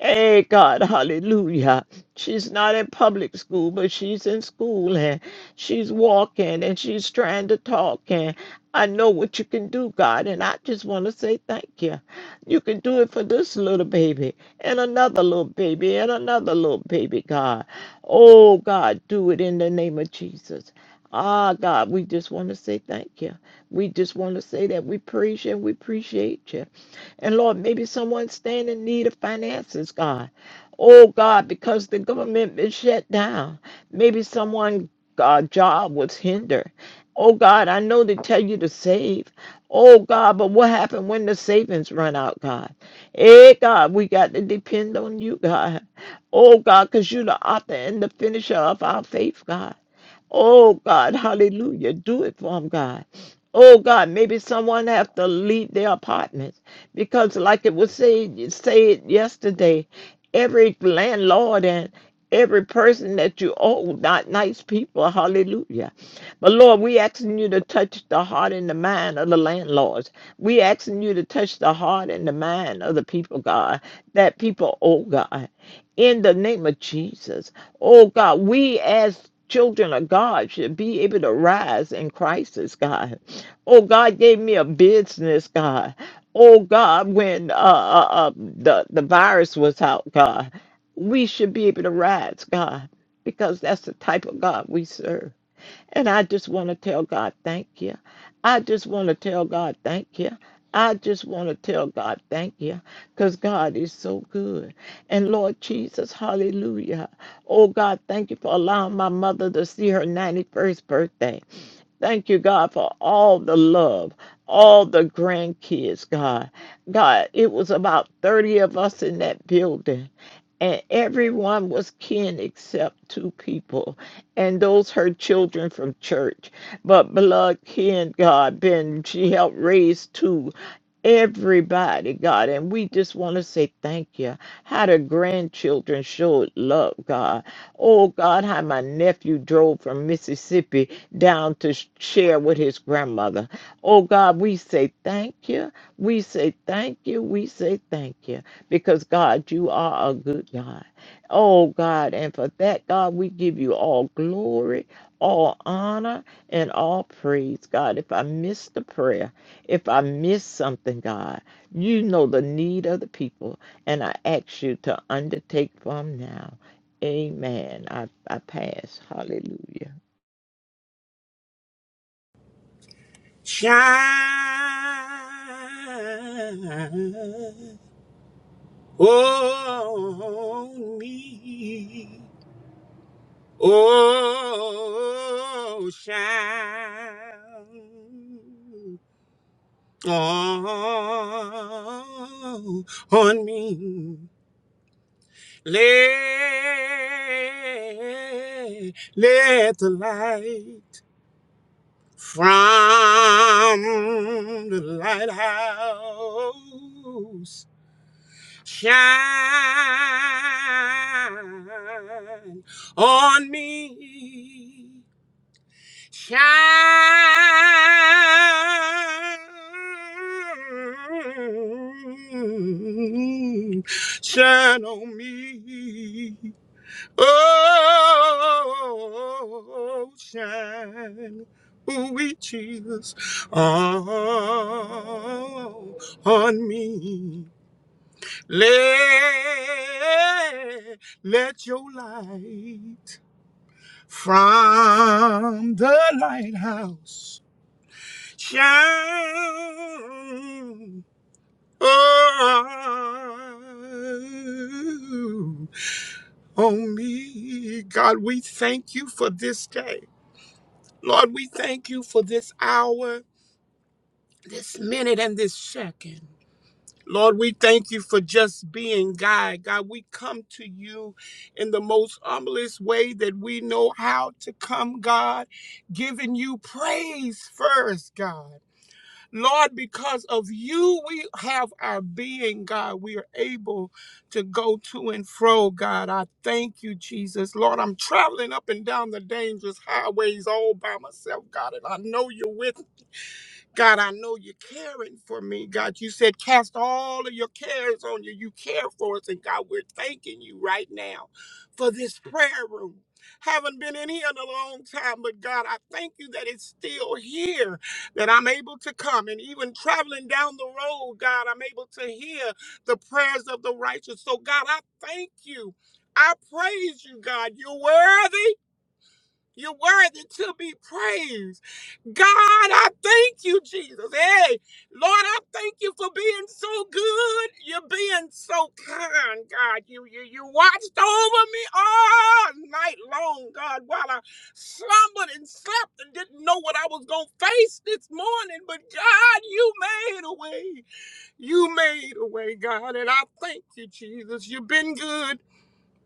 Speaker 6: Hey, God, hallelujah. She's not in public school, but she's in school and she's walking and she's trying to talk. And I know what you can do, God, and I just want to say thank you. You can do it for this little baby and another little baby and another little baby, God. Oh, God, do it in the name of Jesus. Ah, God, we just want to say thank you. We just want to say that we praise you and we appreciate you. And Lord, maybe someone stand in need of finances, God. Oh God, because the government is shut down. Maybe someone' God, job was hindered. Oh God, I know they tell you to save. Oh God, but what happened when the savings run out, God? Hey God, we got to depend on you, God. Oh God, because you're the author and the finisher of our faith, God. Oh God, hallelujah. Do it for them, God. Oh God, maybe someone have to leave their apartments because like it was said said yesterday, every landlord and every person that you owe, not nice people, hallelujah. But Lord, we asking you to touch the heart and the mind of the landlords. We asking you to touch the heart and the mind of the people, God, that people owe God. In the name of Jesus. Oh God, we as children of God should be able to rise in crisis, God. Oh God gave me a business, God. Oh God, when uh, uh, uh, the the virus was out, God, we should be able to rise, God, because that's the type of God we serve. And I just want to tell God, thank you. I just want to tell God, thank you. I just want to tell God, thank you, because God is so good. And Lord Jesus, hallelujah. Oh God, thank you for allowing my mother to see her 91st birthday. Thank you, God, for all the love, all the grandkids, God. God, it was about 30 of us in that building, and everyone was kin except two people, and those her children from church. But beloved kin, God, Ben, she helped raise two everybody, God. And we just want to say thank you. How the grandchildren showed love, God. Oh, God, how my nephew drove from Mississippi down to sh- share with his grandmother. Oh God, we say thank you. We say thank you. We say thank you because God, you are a good God. Oh God, and for that, God, we give you all glory, all honor, and all praise, God. If I miss the prayer, if I miss something, God, you know the need of the people, and I ask you to undertake from now. Amen. I, I pass. Hallelujah.
Speaker 8: shine on me. Oh, shine on, on me. Let, let the light from the lighthouse shine on me. Shine, shine on me. Oh, shine, ooh, wee, Jesus, oh, on me. Let, let your light from the lighthouse shine oh, on me. God, we thank you for this day. Lord, we thank you for this hour, this minute, and this second. Lord, we thank you for just being God. God, we come to you in the most humblest way that we know how to come, God, giving you praise first, God. Lord, because of you, we have our being, God. We are able to go to and fro, God. I thank you, Jesus. Lord, I'm traveling up and down the dangerous highways all by myself, God, and I know you're with God, I know you're caring for me. God, you said cast all of your cares on you. You care for us. And God, we're thanking you right now for this prayer room. Haven't been in here in a long time, but God, I thank you that it's still here, that I'm able to come. And even traveling down the road, God, I'm able to hear the prayers of the righteous. So, God, I thank you. I praise you, God. You're worthy. You're worthy to be praised. God, I thank you, Jesus. Hey, Lord, I thank you for being so good. You're being so kind, God. You you you watched over me all night long, God, while I slumbered and slept and didn't know what I was gonna face this morning. But God, you made a way. You made a way, God, and I thank you, Jesus. You've been good.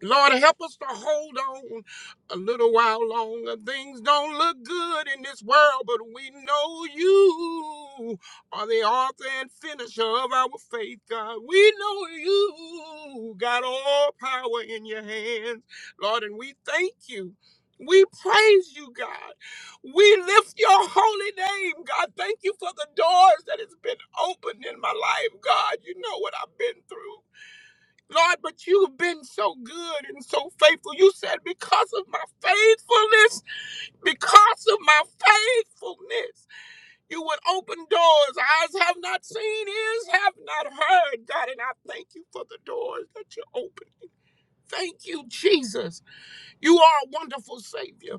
Speaker 8: Lord, help us to hold on a little while longer. Things don't look good in this world, but we know you are the author and finisher of our faith, God. We know you got all power in your hands, Lord, and we thank you. We praise you, God. We lift your holy name, God. Thank you for the doors that has been opened in my life, God. You know what I've been through. Lord, but you've been so good and so faithful. You said, because of my faithfulness, because of my faithfulness, you would open doors eyes have not seen, ears have not heard. God, and I thank you for the doors that you open. Thank you, Jesus. You are a wonderful Savior.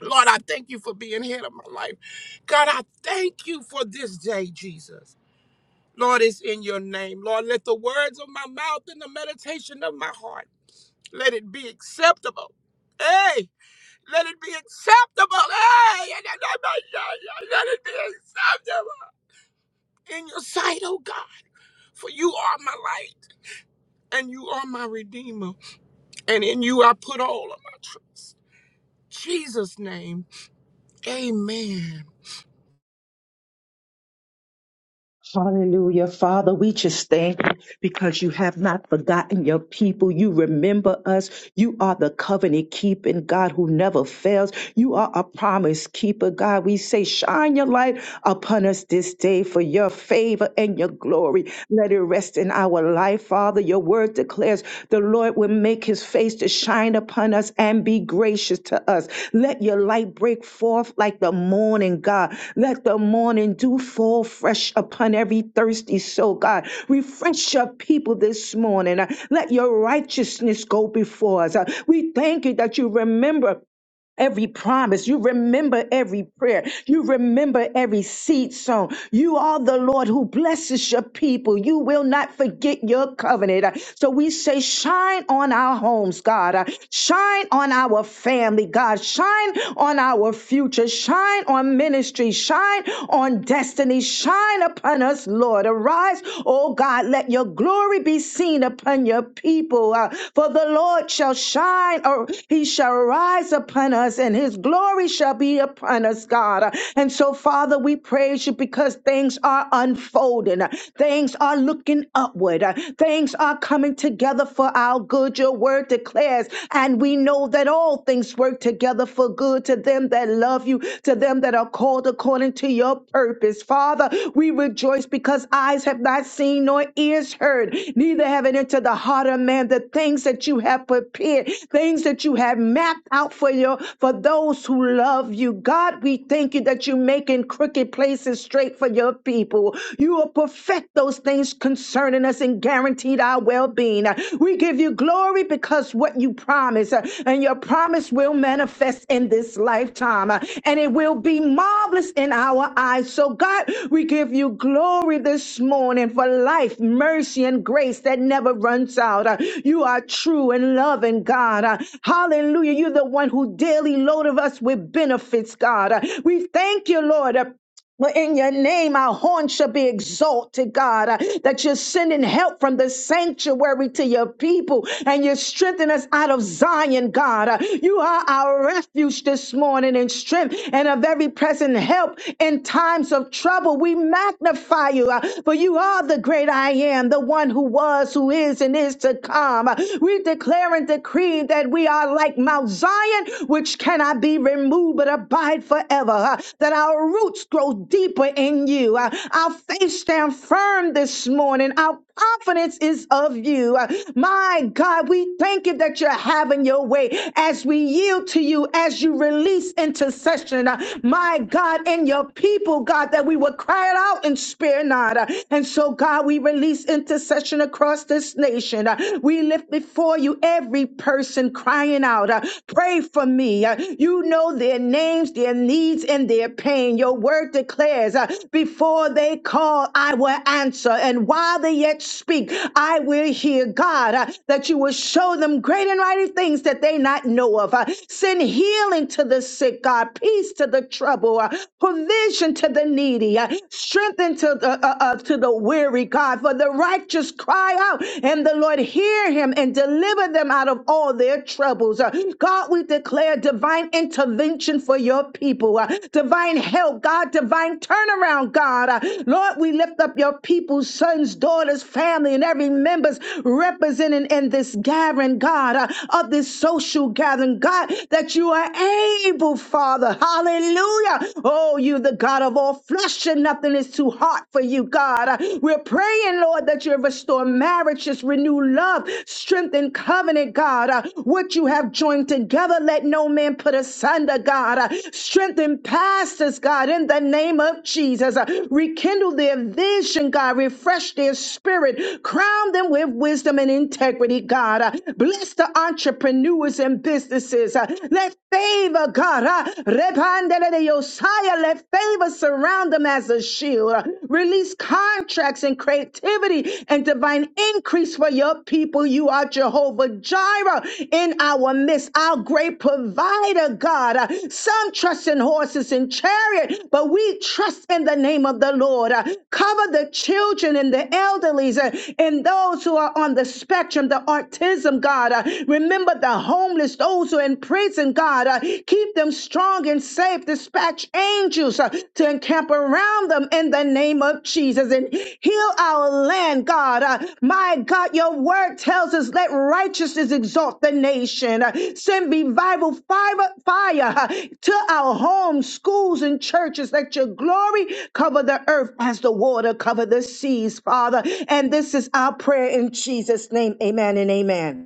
Speaker 8: Lord, I thank you for being head of my life. God, I thank you for this day, Jesus. Lord, it's in your name. Lord, let the words of my mouth and the meditation of my heart Let it be acceptable. Hey, let it be acceptable. Hey, yeah, yeah, yeah, yeah, yeah, yeah, let it be acceptable in your sight, oh God. For you are my light and you are my redeemer. And in you I put all of my trust. Jesus' name, amen.
Speaker 5: Hallelujah. Father, we just thank you because you have not forgotten your people. You remember us. You are the covenant keeping God who never fails. You are a promise keeper, God. We say, shine your light upon us this day for your favor and your glory. Let it rest in our life, Father. Your word declares the Lord will make his face to shine upon us and be gracious to us. Let your light break forth like the morning, God. Let the morning dew fall fresh upon every thirsty soul, God. Refresh your people this morning. Uh, Let your righteousness go before us. Uh, We thank you that you remember every promise. You remember every prayer. You remember every seed sown. You are the Lord who blesses your people. You will not forget your covenant. Uh, So we say, shine on our homes, God. Uh, Shine on our family, God. Shine on our future. Shine on ministry. Shine on destiny. Shine upon us, Lord. Arise, oh God. Let your your glory be seen upon your people. Uh, for the Lord shall shine, or he shall rise upon us, and his glory shall be upon us, God. Uh, And so, Father, we praise you because things are unfolding, Uh, things are looking upward, Uh, things are coming together for our good. Your word declares, and we know that all things work together for good to them that love you to them that are called according to your purpose. Father, we rejoice because eyes have not seen nor ears heard, neither have it entered the heart of man the things that you have prepared, things that you have mapped out for your for those who love you. God, we thank you that you're making crooked places straight for your people. You will perfect those things concerning us and guaranteed our well-being. We give you glory because what you promise uh, and your promise will manifest in this lifetime uh, and it will be marvelous in our eyes. So, God, we give you glory this morning for life, mercy, and grace that never runs out. Uh, You are true and loving, God. Uh, Hallelujah. You're the one who daily loaded us with benefits, God. Uh, We thank you, Lord. uh, but in your name, our horn shall be exalted, God, uh, that you're sending help from the sanctuary to your people and you strengthen us out of Zion, God. Uh, you are our refuge this morning and strength and a very present help in times of trouble. We magnify you, uh, for you are the great I am, the one who was, who is, and is to come. Uh, we declare and decree that we are like Mount Zion, which cannot be removed temporary move, but abide forever. uh, That our roots grow deeper in you. uh, Our faith stand firm this morning. Our confidence is of you. Uh, My God, we thank you that you're having your way as we yield to you, as you release intercession. uh, My God, in your people, God, that we will cry it out and spare not. Uh, And so, God, we release intercession across this nation. Uh, We lift before you every person person crying out, uh, Pray for me. Uh, You know their names, their needs, and their pain. Your word declares, uh, Before they call, I will answer. And while they yet speak, I will hear God, uh, that you will show them great and mighty things that they not know of. Uh, Send healing to the sick, God, peace to the trouble, uh, provision to the needy, uh, strength to the, uh, uh, to the weary, God. For the righteous cry out, out and the Lord hear him and deliver them out of all their troubles. Uh, God, we declare divine intervention for your people, uh, divine help, God, divine turnaround, God. Uh, Lord, we lift up your people's sons, daughters, family, and every members represented in this gathering, God, uh, of this social gathering, God, that you are able, Father. Hallelujah. Oh, you, the God of all flesh, and nothing is too hard for you you, God. Uh, We're praying, Lord, that you restore marriages, renew love, strengthen covenant, God. Uh, What you have joined together, let no man put asunder, God. Uh, Strengthen pastors, God, in the name of Jesus. Uh, Rekindle their vision, God. Refresh their spirit. Crown them with wisdom and integrity, God. Uh, Bless the entrepreneurs and businesses. Uh, Let favor, God. uh, Repandele de Hallelujah. Let favor surround them as a shield. Release contracts and creativity and divine increase for your people. You are Jehovah Jireh in our midst, our great provider, God. Uh, Some trust in horses and chariot, but we trust in the name of the Lord. Uh, Cover the children and the elderlies uh, and those who are on the spectrum, the autism, God. Uh, Remember the homeless, those who are in prison, God. Uh, Keep them strong and safe. Dispatch angels uh, to encamp around them in the name of Jesus and heal our land, God. Uh, My God, your word tells us let righteousness exalt the nation. Uh, Send revival fire, fire uh, to our homes, schools, and churches. Let your glory cover the earth as the water cover the seas, Father. And this is our prayer in Jesus' name. Amen and amen.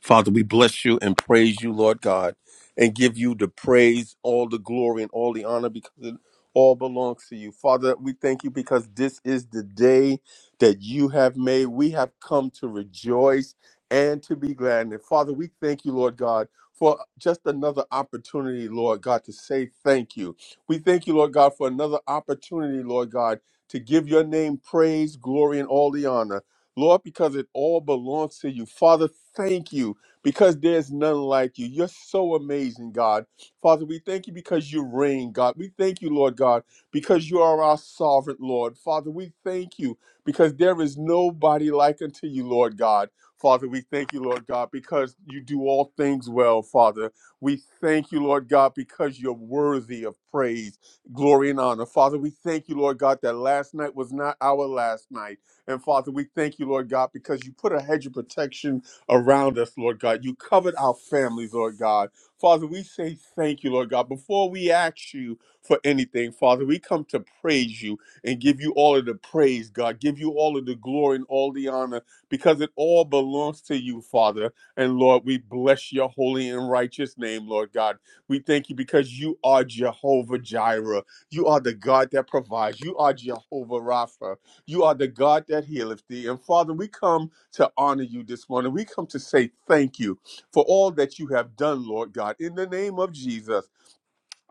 Speaker 3: Father, we bless you and praise you, Lord God, and give you the praise, all the glory, and all the honor because it all belongs to you. Father, we thank you because this is the day that you have made. We have come to rejoice and to be glad. And Father, we thank you, Lord God. For just another opportunity, Lord God, to say thank you. We thank you, Lord God, for another opportunity, Lord God, to give your name praise, glory, and all the honor. Lord, because it all belongs to you. Father, thank you because there's none like you. You're so amazing, God. Father, we thank you because you reign, God. We thank you, Lord God, because you are our sovereign, Lord. Father, we thank you because there is nobody like unto you, Lord God. Father, we thank you, Lord God, because you do all things well, Father. We thank you, Lord God, because you're worthy of praise, glory, and honor. Father, we thank you, Lord God, that last night was not our last night. And Father, we thank you, Lord God, because you put a hedge of protection around us, Lord God. You covered our families, Lord God. Father, we say thank you, Lord God. Before we ask you for anything, Father, we come to praise you and give you all of the praise, God. Give you all of the glory and all the honor because it all belongs to you, Father. And Lord, we bless your holy and righteous name, Lord God. We thank you because you are Jehovah Jireh. You are the God that provides. You are Jehovah Rapha. You are the God that healeth thee. And Father, we come to honor you this morning. We come to say thank you for all that you have done, Lord God, in the name of Jesus.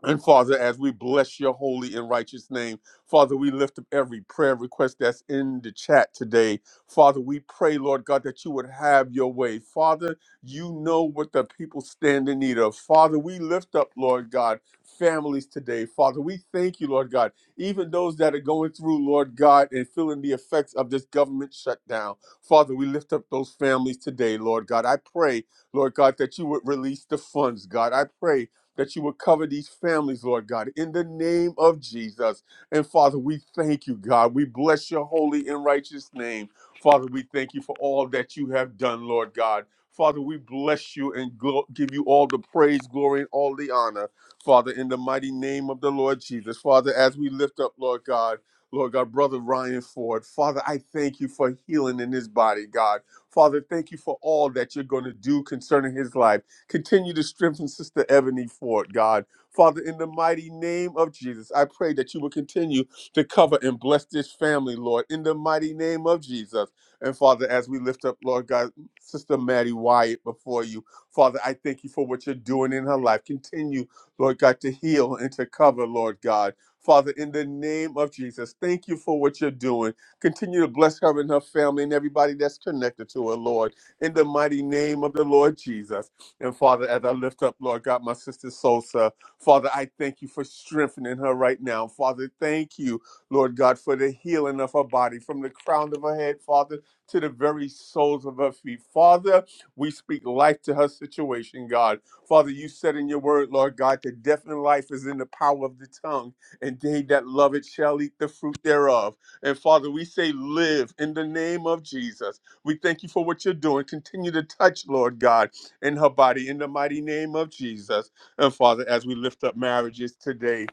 Speaker 3: And Father, as we bless your holy and righteous name, Father, we lift up every prayer request that's in the chat today. Father, we pray, Lord God, that you would have your way. Father, you know what the people stand in need of. Father, we lift up, Lord God, families today. Father, we thank you, Lord God, even those that are going through, Lord God, and feeling the effects of this government shutdown. Father, we lift up those families today, Lord God. I pray, Lord God, that you would release the funds, God. I pray that you would cover these families, Lord God, in the name of Jesus. And Father, we thank you, God. We bless your holy and righteous name. Father, we thank you for all that you have done, Lord God. Father, we bless you and glo- give you all the praise, glory, and all the honor, Father, in the mighty name of the Lord Jesus. Father, as we lift up, Lord God, Lord God, Brother Ryan Ford, Father, I thank you for healing in his body, God. Father, thank you for all that you're going to do concerning his life. Continue to strengthen Sister Ebony Ford, God. Father, in the mighty name of Jesus, I pray that you will continue to cover and bless this family, Lord, in the mighty name of Jesus. And Father, as we lift up, Lord God, Sister Maddie Wyatt before you, Father, I thank you for what you're doing in her life. Continue, Lord God, to heal and to cover, Lord God. Father, in the name of Jesus, thank you for what you're doing. Continue to bless her and her family and everybody that's connected to her, Lord, in the mighty name of the Lord Jesus. And Father, as I lift up, Lord God, my sister Sosa, Father, I thank you for strengthening her right now. Father, thank you, Lord God, for the healing of her body from the crown of her head, Father, to the very soles of her feet. Father, we speak life to her situation, God. Father, you said in your word, Lord God, that death and life is in the power of the tongue, and they that love it shall eat the fruit thereof. And Father, we say, live in the name of Jesus. We thank you for what you're doing. Continue to touch, Lord God in her body in the mighty name of Jesus. And Father, as we lift up marriages today,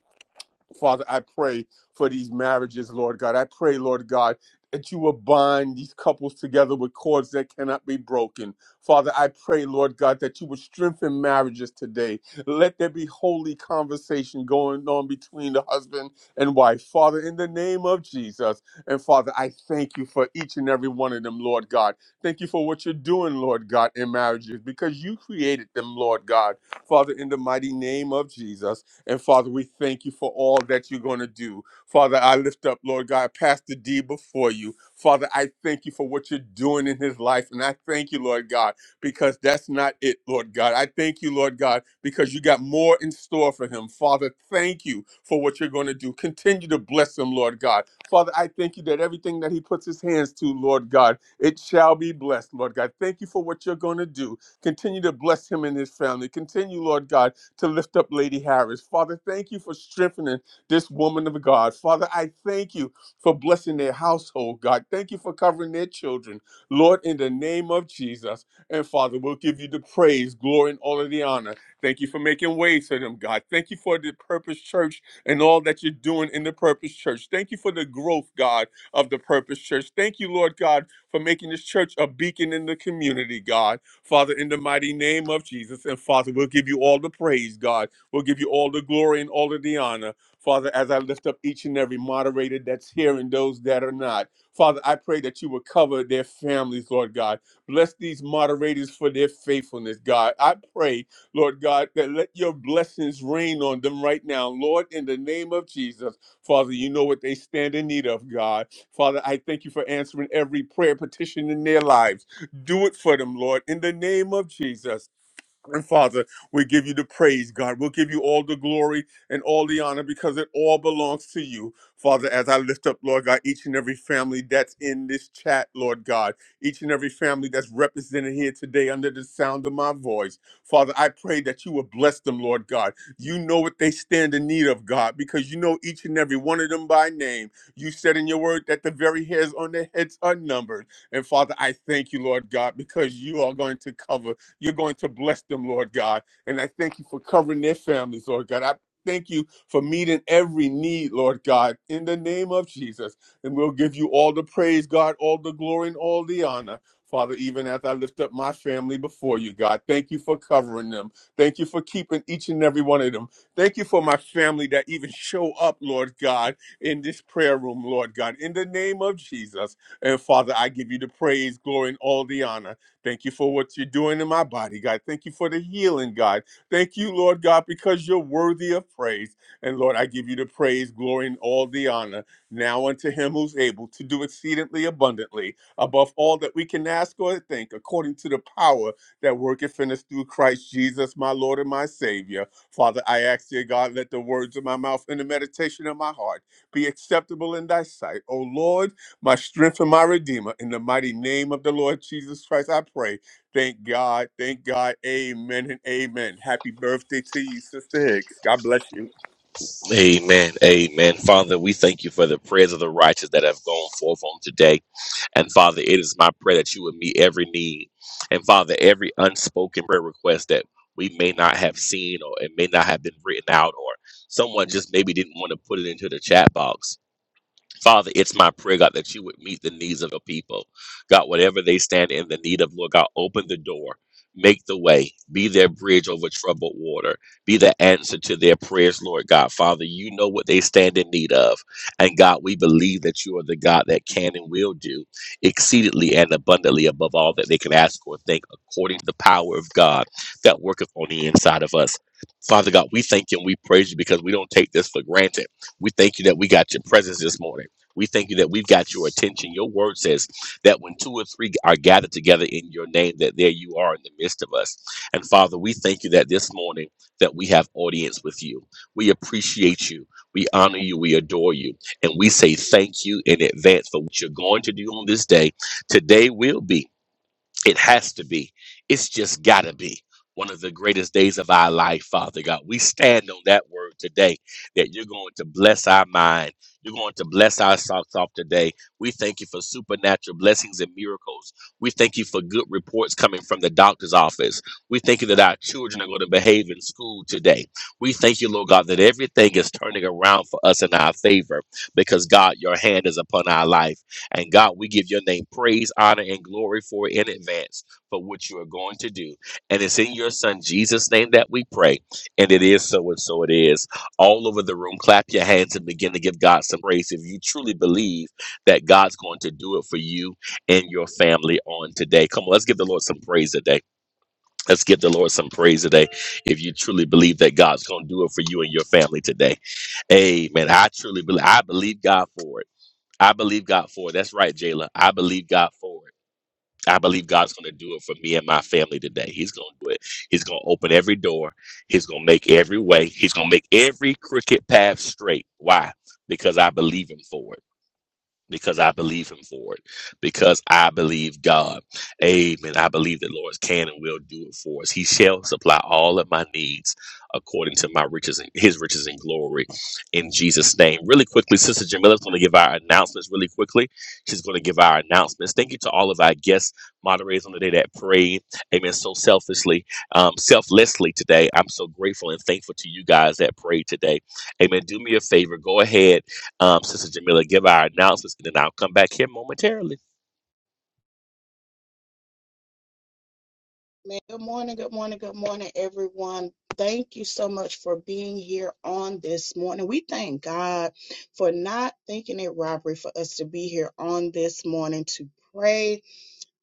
Speaker 3: Father, I pray for these marriages, Lord God. I pray, Lord God, that you will bind these couples together with cords that cannot be broken. Father, I pray, Lord God, that you would strengthen marriages today. Let there be holy conversation going on between the husband and wife. Father, in the name of Jesus. And Father, I thank you for each and every one of them, Lord God. Thank you for what you're doing, Lord God, in marriages because you created them, Lord God. Father, in the mighty name of Jesus. And Father, we thank you for all that you're going to do. Father, I lift up, Lord God, Pastor D before you. Father, I thank you for what you're doing in his life. And I thank you, Lord God, because that's not it, Lord God. I thank you, Lord God, because you got more in store for him. Father, thank you for what you're going to do. Continue to bless him, Lord God. Father, I thank you that everything that he puts his hands to, Lord God, it shall be blessed, Lord God. Thank you for what you're going to do. Continue to bless him and his family. Continue, Lord God, to lift up Lady Harris. Father, thank you for strengthening this woman of God. Father, I thank you for blessing their household, God. Thank you for covering their children. Lord, in the name of Jesus. And Father, we'll give you the praise, glory, and all of the honor. Thank you for making ways for them, God. Thank you for the Purpose Church and all that you're doing in the Purpose Church. Thank you for the growth, God, of the Purpose Church. Thank you, Lord God, for making this church a beacon in the community, God. Father, in the mighty name of Jesus. And Father, we'll give you all the praise, God. We'll give you all the glory and all of the honor. Father, as I lift up each and every moderator that's here and those that are not, Father, I pray that you will cover their families, Lord God. Bless these moderators for their faithfulness, God. I pray, Lord God, that let your blessings rain on them right now, Lord, in the name of Jesus. Father, you know what they stand in need of, God. Father, I thank you for answering every prayer petition in their lives. Do it for them, Lord, in the name of Jesus. And Father, we give you the praise, God. We'll give you all the glory and all the honor because it all belongs to you. Father, as I lift up, Lord God, each and every family that's in this chat, Lord God, each and every family that's represented here today under the sound of my voice. Father, I pray that you will bless them, Lord God. You know what they stand in need of, God, because you know each and every one of them by name. You said in your word that the very hairs on their heads are numbered. And Father, I thank you, Lord God, because you are going to cover. You're going to bless them, Lord God. And I thank you for covering their families, Lord God. I thank you for meeting every need, Lord God, in the name of Jesus. And we'll give you all the praise, God, all the glory, and all the honor. Father, even as I lift up my family before you, God, thank you for covering them. Thank you for keeping each and every one of them. Thank you for my family that even show up, Lord God, in this prayer room, Lord God, in the name of Jesus. And Father, I give you the praise, glory, and all the honor. Thank you for what you're doing in my body, God. Thank you for the healing, God. Thank you, Lord God, because you're worthy of praise. And Lord, I give you the praise, glory, and all the honor. Now unto him who's able to do exceedingly abundantly above all that we can ask or think, according to the power that worketh in us through Christ Jesus, my Lord and my Savior. Father, I ask, dear God, let the words of my mouth and the meditation of my heart be acceptable in thy sight. O Lord, my strength and my redeemer. In the mighty name of the Lord Jesus Christ, I pray. Thank God. Thank God. Amen and amen. Happy birthday to you, Sister Hicks. God bless you.
Speaker 4: Amen. Amen. Father, we thank you for the prayers of the righteous that have gone forth on today. And Father, it is my prayer that you would meet every need. And Father, every unspoken prayer request that we may not have seen or it may not have been written out or someone just maybe didn't want to put it into the chat box. Father, it's my prayer, God, that you would meet the needs of the people. God, whatever they stand in the need of, Lord God, open the door, make the way, be their bridge over troubled water, be the answer to their prayers, Lord God. Father, you know what they stand in need of. And God, we believe that you are the God that can and will do exceedingly and abundantly above all that they can ask or think, according to the power of God that worketh on the inside of us. Father God, we thank you and we praise you because we don't take this for granted. We thank you that we got your presence this morning. We thank you that we've got your attention. Your word says that when two or three are gathered together in your name, that there you are in the midst of us. And Father, we thank you that this morning that we have audience with you. We appreciate you. We honor you. We adore you. And we say thank you in advance for what you're going to do on this day. Today will be. It has to be. It's just got to be one of the greatest days of our life, Father God. We stand on that word today that you're going to bless our mind. You're going to bless our socks off today. We thank you for supernatural blessings and miracles. We thank you for good reports coming from the doctor's office. We thank you that our children are going to behave in school today. We thank you, Lord God, that everything is turning around for us in our favor because, God, your hand is upon our life. And God, we give your name praise, honor, and glory for in advance for what you are going to do. And it's in your son Jesus' name that we pray. And it is so and so it is. All over the room, clap your hands and begin to give God some praise if you truly believe that God's going to do it for you and your family on today. Come on, let's give the Lord some praise today. Let's give the Lord some praise today if you truly believe that God's going to do it for you and your family today. Amen. I truly believe. I believe God for it. I believe God for it. That's right, Jayla. I believe God for it. I believe God's going to do it for me and my family today. He's going to do it. He's going to open every door. He's going to make every way. He's going to make every crooked path straight. Why? Because I believe Him for it because I believe him for it, because I believe God. Amen. I believe that Lord can and will do it for us. He shall supply all of my needs according to my riches and his riches and glory in Jesus' name. Really quickly, Sister Jamila's going to give our announcements really quickly. She's going to give our announcements. Thank you to all of our guest moderators on the day that prayed. Amen. So selfishly, um, selflessly today. I'm so grateful and thankful to you guys that prayed today. Amen. Do me a favor. Go ahead. Um, Sister Jamila, give our announcements, and then I'll come back here momentarily.
Speaker 9: good morning, good morning, good morning, everyone. Thank you so much for being here on this morning. We thank God for not thinking it robbery for us to be here on this morning to pray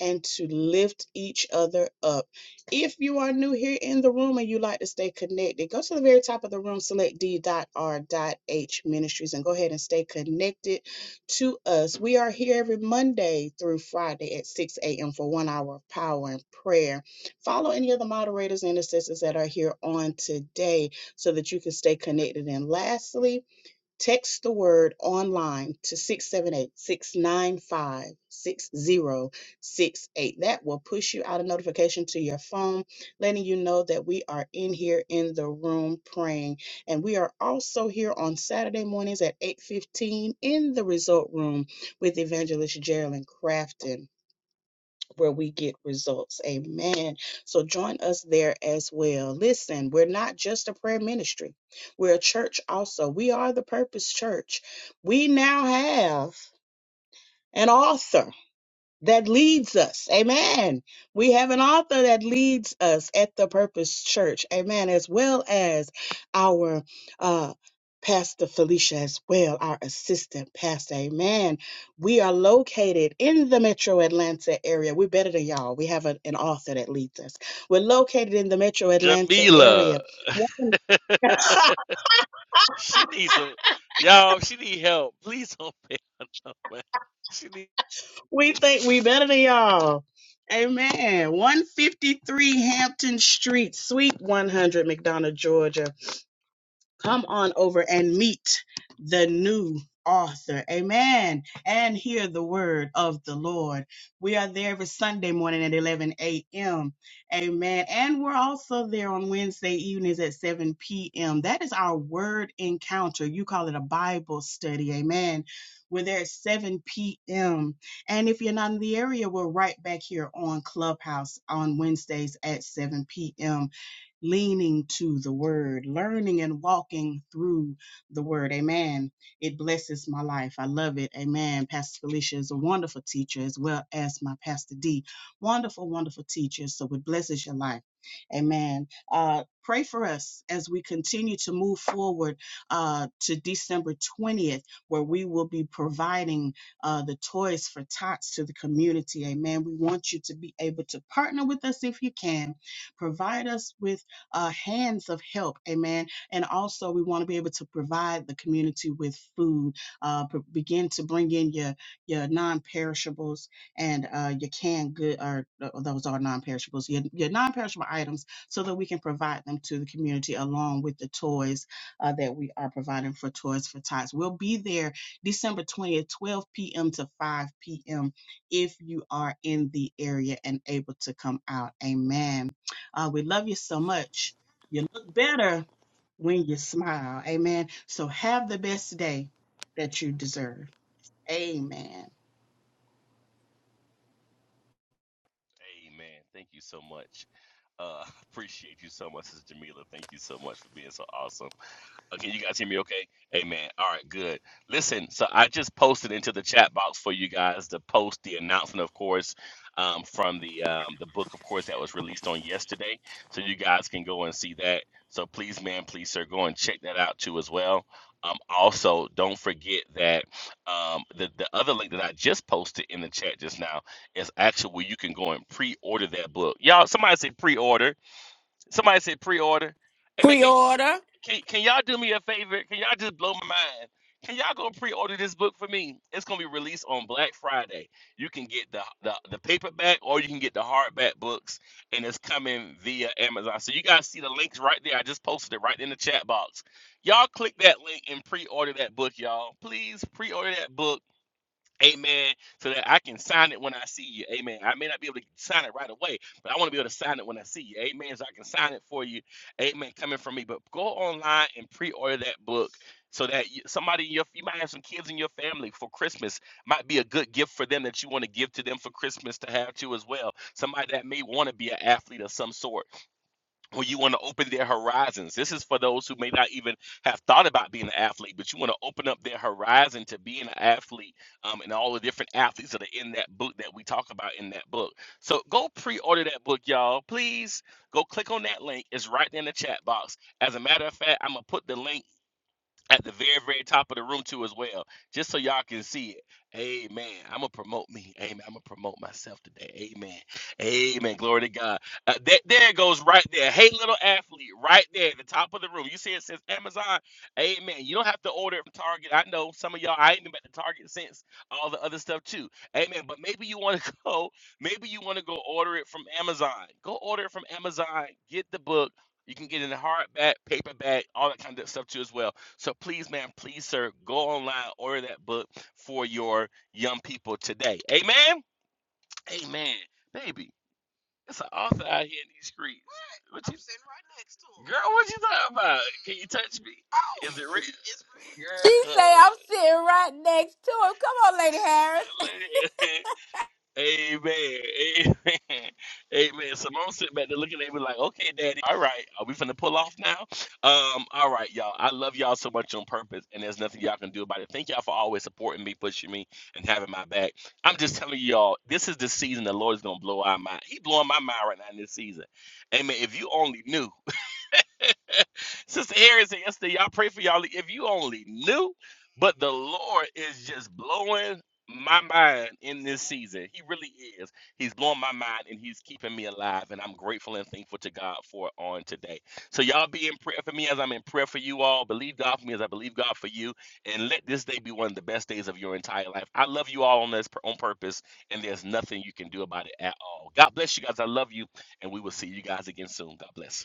Speaker 9: and to lift each other up. If you are new here in the room and you like to stay connected, go to the very top of the room, select d.r.h ministries, and go ahead and stay connected to us. We are here every Monday through Friday at 6 a.m. for one hour of power and prayer. Follow any of the moderators and assistants that are here on today so that you can stay connected. And lastly, Text the word online to six seven eight six nine five six zero six eight. That will push you out a notification to your phone, letting you know that we are in here in the room praying. And we are also here on Saturday mornings at 8:15 in the result room with Evangelist Geraldine Crafton where we get results. Amen. So join us there as well. Listen, we're not just a prayer ministry, we're a church also. We are the Purpose Church. We now have an author that leads us. Amen. We have an author that leads us at the Purpose Church. Amen. As well as our uh, Pastor Felicia, as well, our assistant pastor. Amen. We are located in the metro Atlanta area. We're better than y'all. We have a- an author that leads us. We're located in the metro Atlanta
Speaker 4: Jamila.
Speaker 9: area. One-
Speaker 4: she needs some y'all, she need help. Please don't pay her no mind. She need
Speaker 9: We think we better than y'all. Amen. 153 Hampton Street, Suite 100, McDonough, Georgia. come on over and meet the new author. Amen. And hear the word of the Lord. We are there every Sunday morning at 11 a.m. Amen. And we're also there on Wednesday evenings at 7 p.m. That is our word encounter. You call it a Bible study. Amen. We're there at 7 p.m. And if you're not in the area, we're right back here on Clubhouse on Wednesdays at 7 p.m leaning to the word, learning and walking through the word. Amen. It blesses my life. I love it. Amen. Pastor Felicia is a wonderful teacher as well as my Pastor D. Wonderful, wonderful teacher. So it blesses your life. Amen. Uh, pray for us as we continue to move forward uh, to December 20th, where we will be providing uh, the toys for tots to the community. Amen. We want you to be able to partner with us if you can. Provide us with uh, hands of help. Amen. And also, we want to be able to provide the community with food. Uh, begin to bring in your your non-perishables and uh, your canned good. Or uh, those are non-perishables. Your your non-perishable items, so that we can provide them to the community along with the toys uh, that we are providing for Toys for Tots. We'll be there December 20th, 12 p.m. to 5 p.m. if you are in the area and able to come out. Amen uh, we love you so much. You look better when you smile. Amen. So have the best day that you deserve. Amen.
Speaker 4: Amen. Thank you so much. Uh appreciate you so much, Sister Jamila. Thank you so much for being so awesome. Okay, you guys hear me okay? Amen. All right, good. Listen, so I just posted into the chat box for you guys to post the announcement, of course, um, from the um, the book, of course, that was released on yesterday. So you guys can go and see that. So please, man, please, sir, go and check that out too as well. Um, also, don't forget that um, the the other link that I just posted in the chat just now is actually where you can go and pre-order that book. Y'all, somebody say pre-order Somebody said pre-order. Hey man,
Speaker 2: Pre
Speaker 4: can,
Speaker 2: order.
Speaker 4: can can y'all do me a favor? Can y'all just blow my mind? Can y'all go pre-order this book for me? It's gonna be released on Black Friday. You can get the, the the paperback or you can get the hardback books, and it's coming via Amazon. So you guys see the links right there. I just posted it right in the chat box. Y'all click that link and pre-order that book, y'all. Please pre-order that book Amen. So that I can sign it when I see you. Amen. I may not be able to sign it right away, but I want to be able to sign it when I see you. Amen. So I can sign it for you. Amen. Coming from me. But go online and pre-order that book so that you, somebody in your you might have some kids in your family for Christmas might be a good gift for them that you want to give to them for Christmas to have too as well. Somebody that may want to be an athlete of some sort. Or you want to open their horizons. This is for those who may not even have thought about being an athlete, but you want to open up their horizon to being an athlete um, and all the different athletes that are in that book that we talk about in that book. So go pre-order that book, y'all. Please go click on that link. It's right there in the chat box. As a matter of fact, I'm gonna put the link at the very, very top of the room too as well, just so y'all can see it. Amen. I'm gonna promote me. Amen. I'm gonna promote myself today. Amen. Amen. Glory to God. Uh, that there it goes right there. Hey, little athlete, right there at the top of the room. You see it says Amazon. Amen. You don't have to order it from Target. I know some of y'all. I ain't been at the Target since all the other stuff too. Amen. But maybe you want to go. Maybe you want to go order it from Amazon. Go order it from Amazon. Get the book. You can get it in hardback, paperback, all that kind of stuff too as well. So please, ma'am, please, sir, go online, order that book for your young people today. Amen. Amen. Baby, it's an author out here in these streets. What? What I'm you- sitting right next to him. Girl, what you talking about? Can you touch me? Oh, Is it real? It's
Speaker 2: She
Speaker 4: real.
Speaker 2: say I'm sitting right next to him. Come on, Lady Harris.
Speaker 4: Girl. Amen. Amen. Amen. Simone sit back there looking at me like, okay, daddy, all right, are we finna pull off now? Um, all right, y'all. I love y'all so much on purpose, and there's nothing y'all can do about it. Thank y'all for always supporting me, pushing me, and having my back. I'm just telling y'all, this is the season the Lord is gonna blow our mind. He blowing my mind right now in this season. Amen. If you only knew. Sister Harris said yesterday, y'all pray for y'all. If you only knew, but the Lord is just blowing my mind in this season. He really is. He's blowing my mind and he's keeping me alive. And I'm grateful and thankful to God for it on today. So y'all be in prayer for me as I'm in prayer for you all. Believe God for me as I believe God for you. And let this day be one of the best days of your entire life. I love you all on this on purpose, and there's nothing you can do about it at all. God bless you guys. I love you, and we will see you guys again soon. God bless.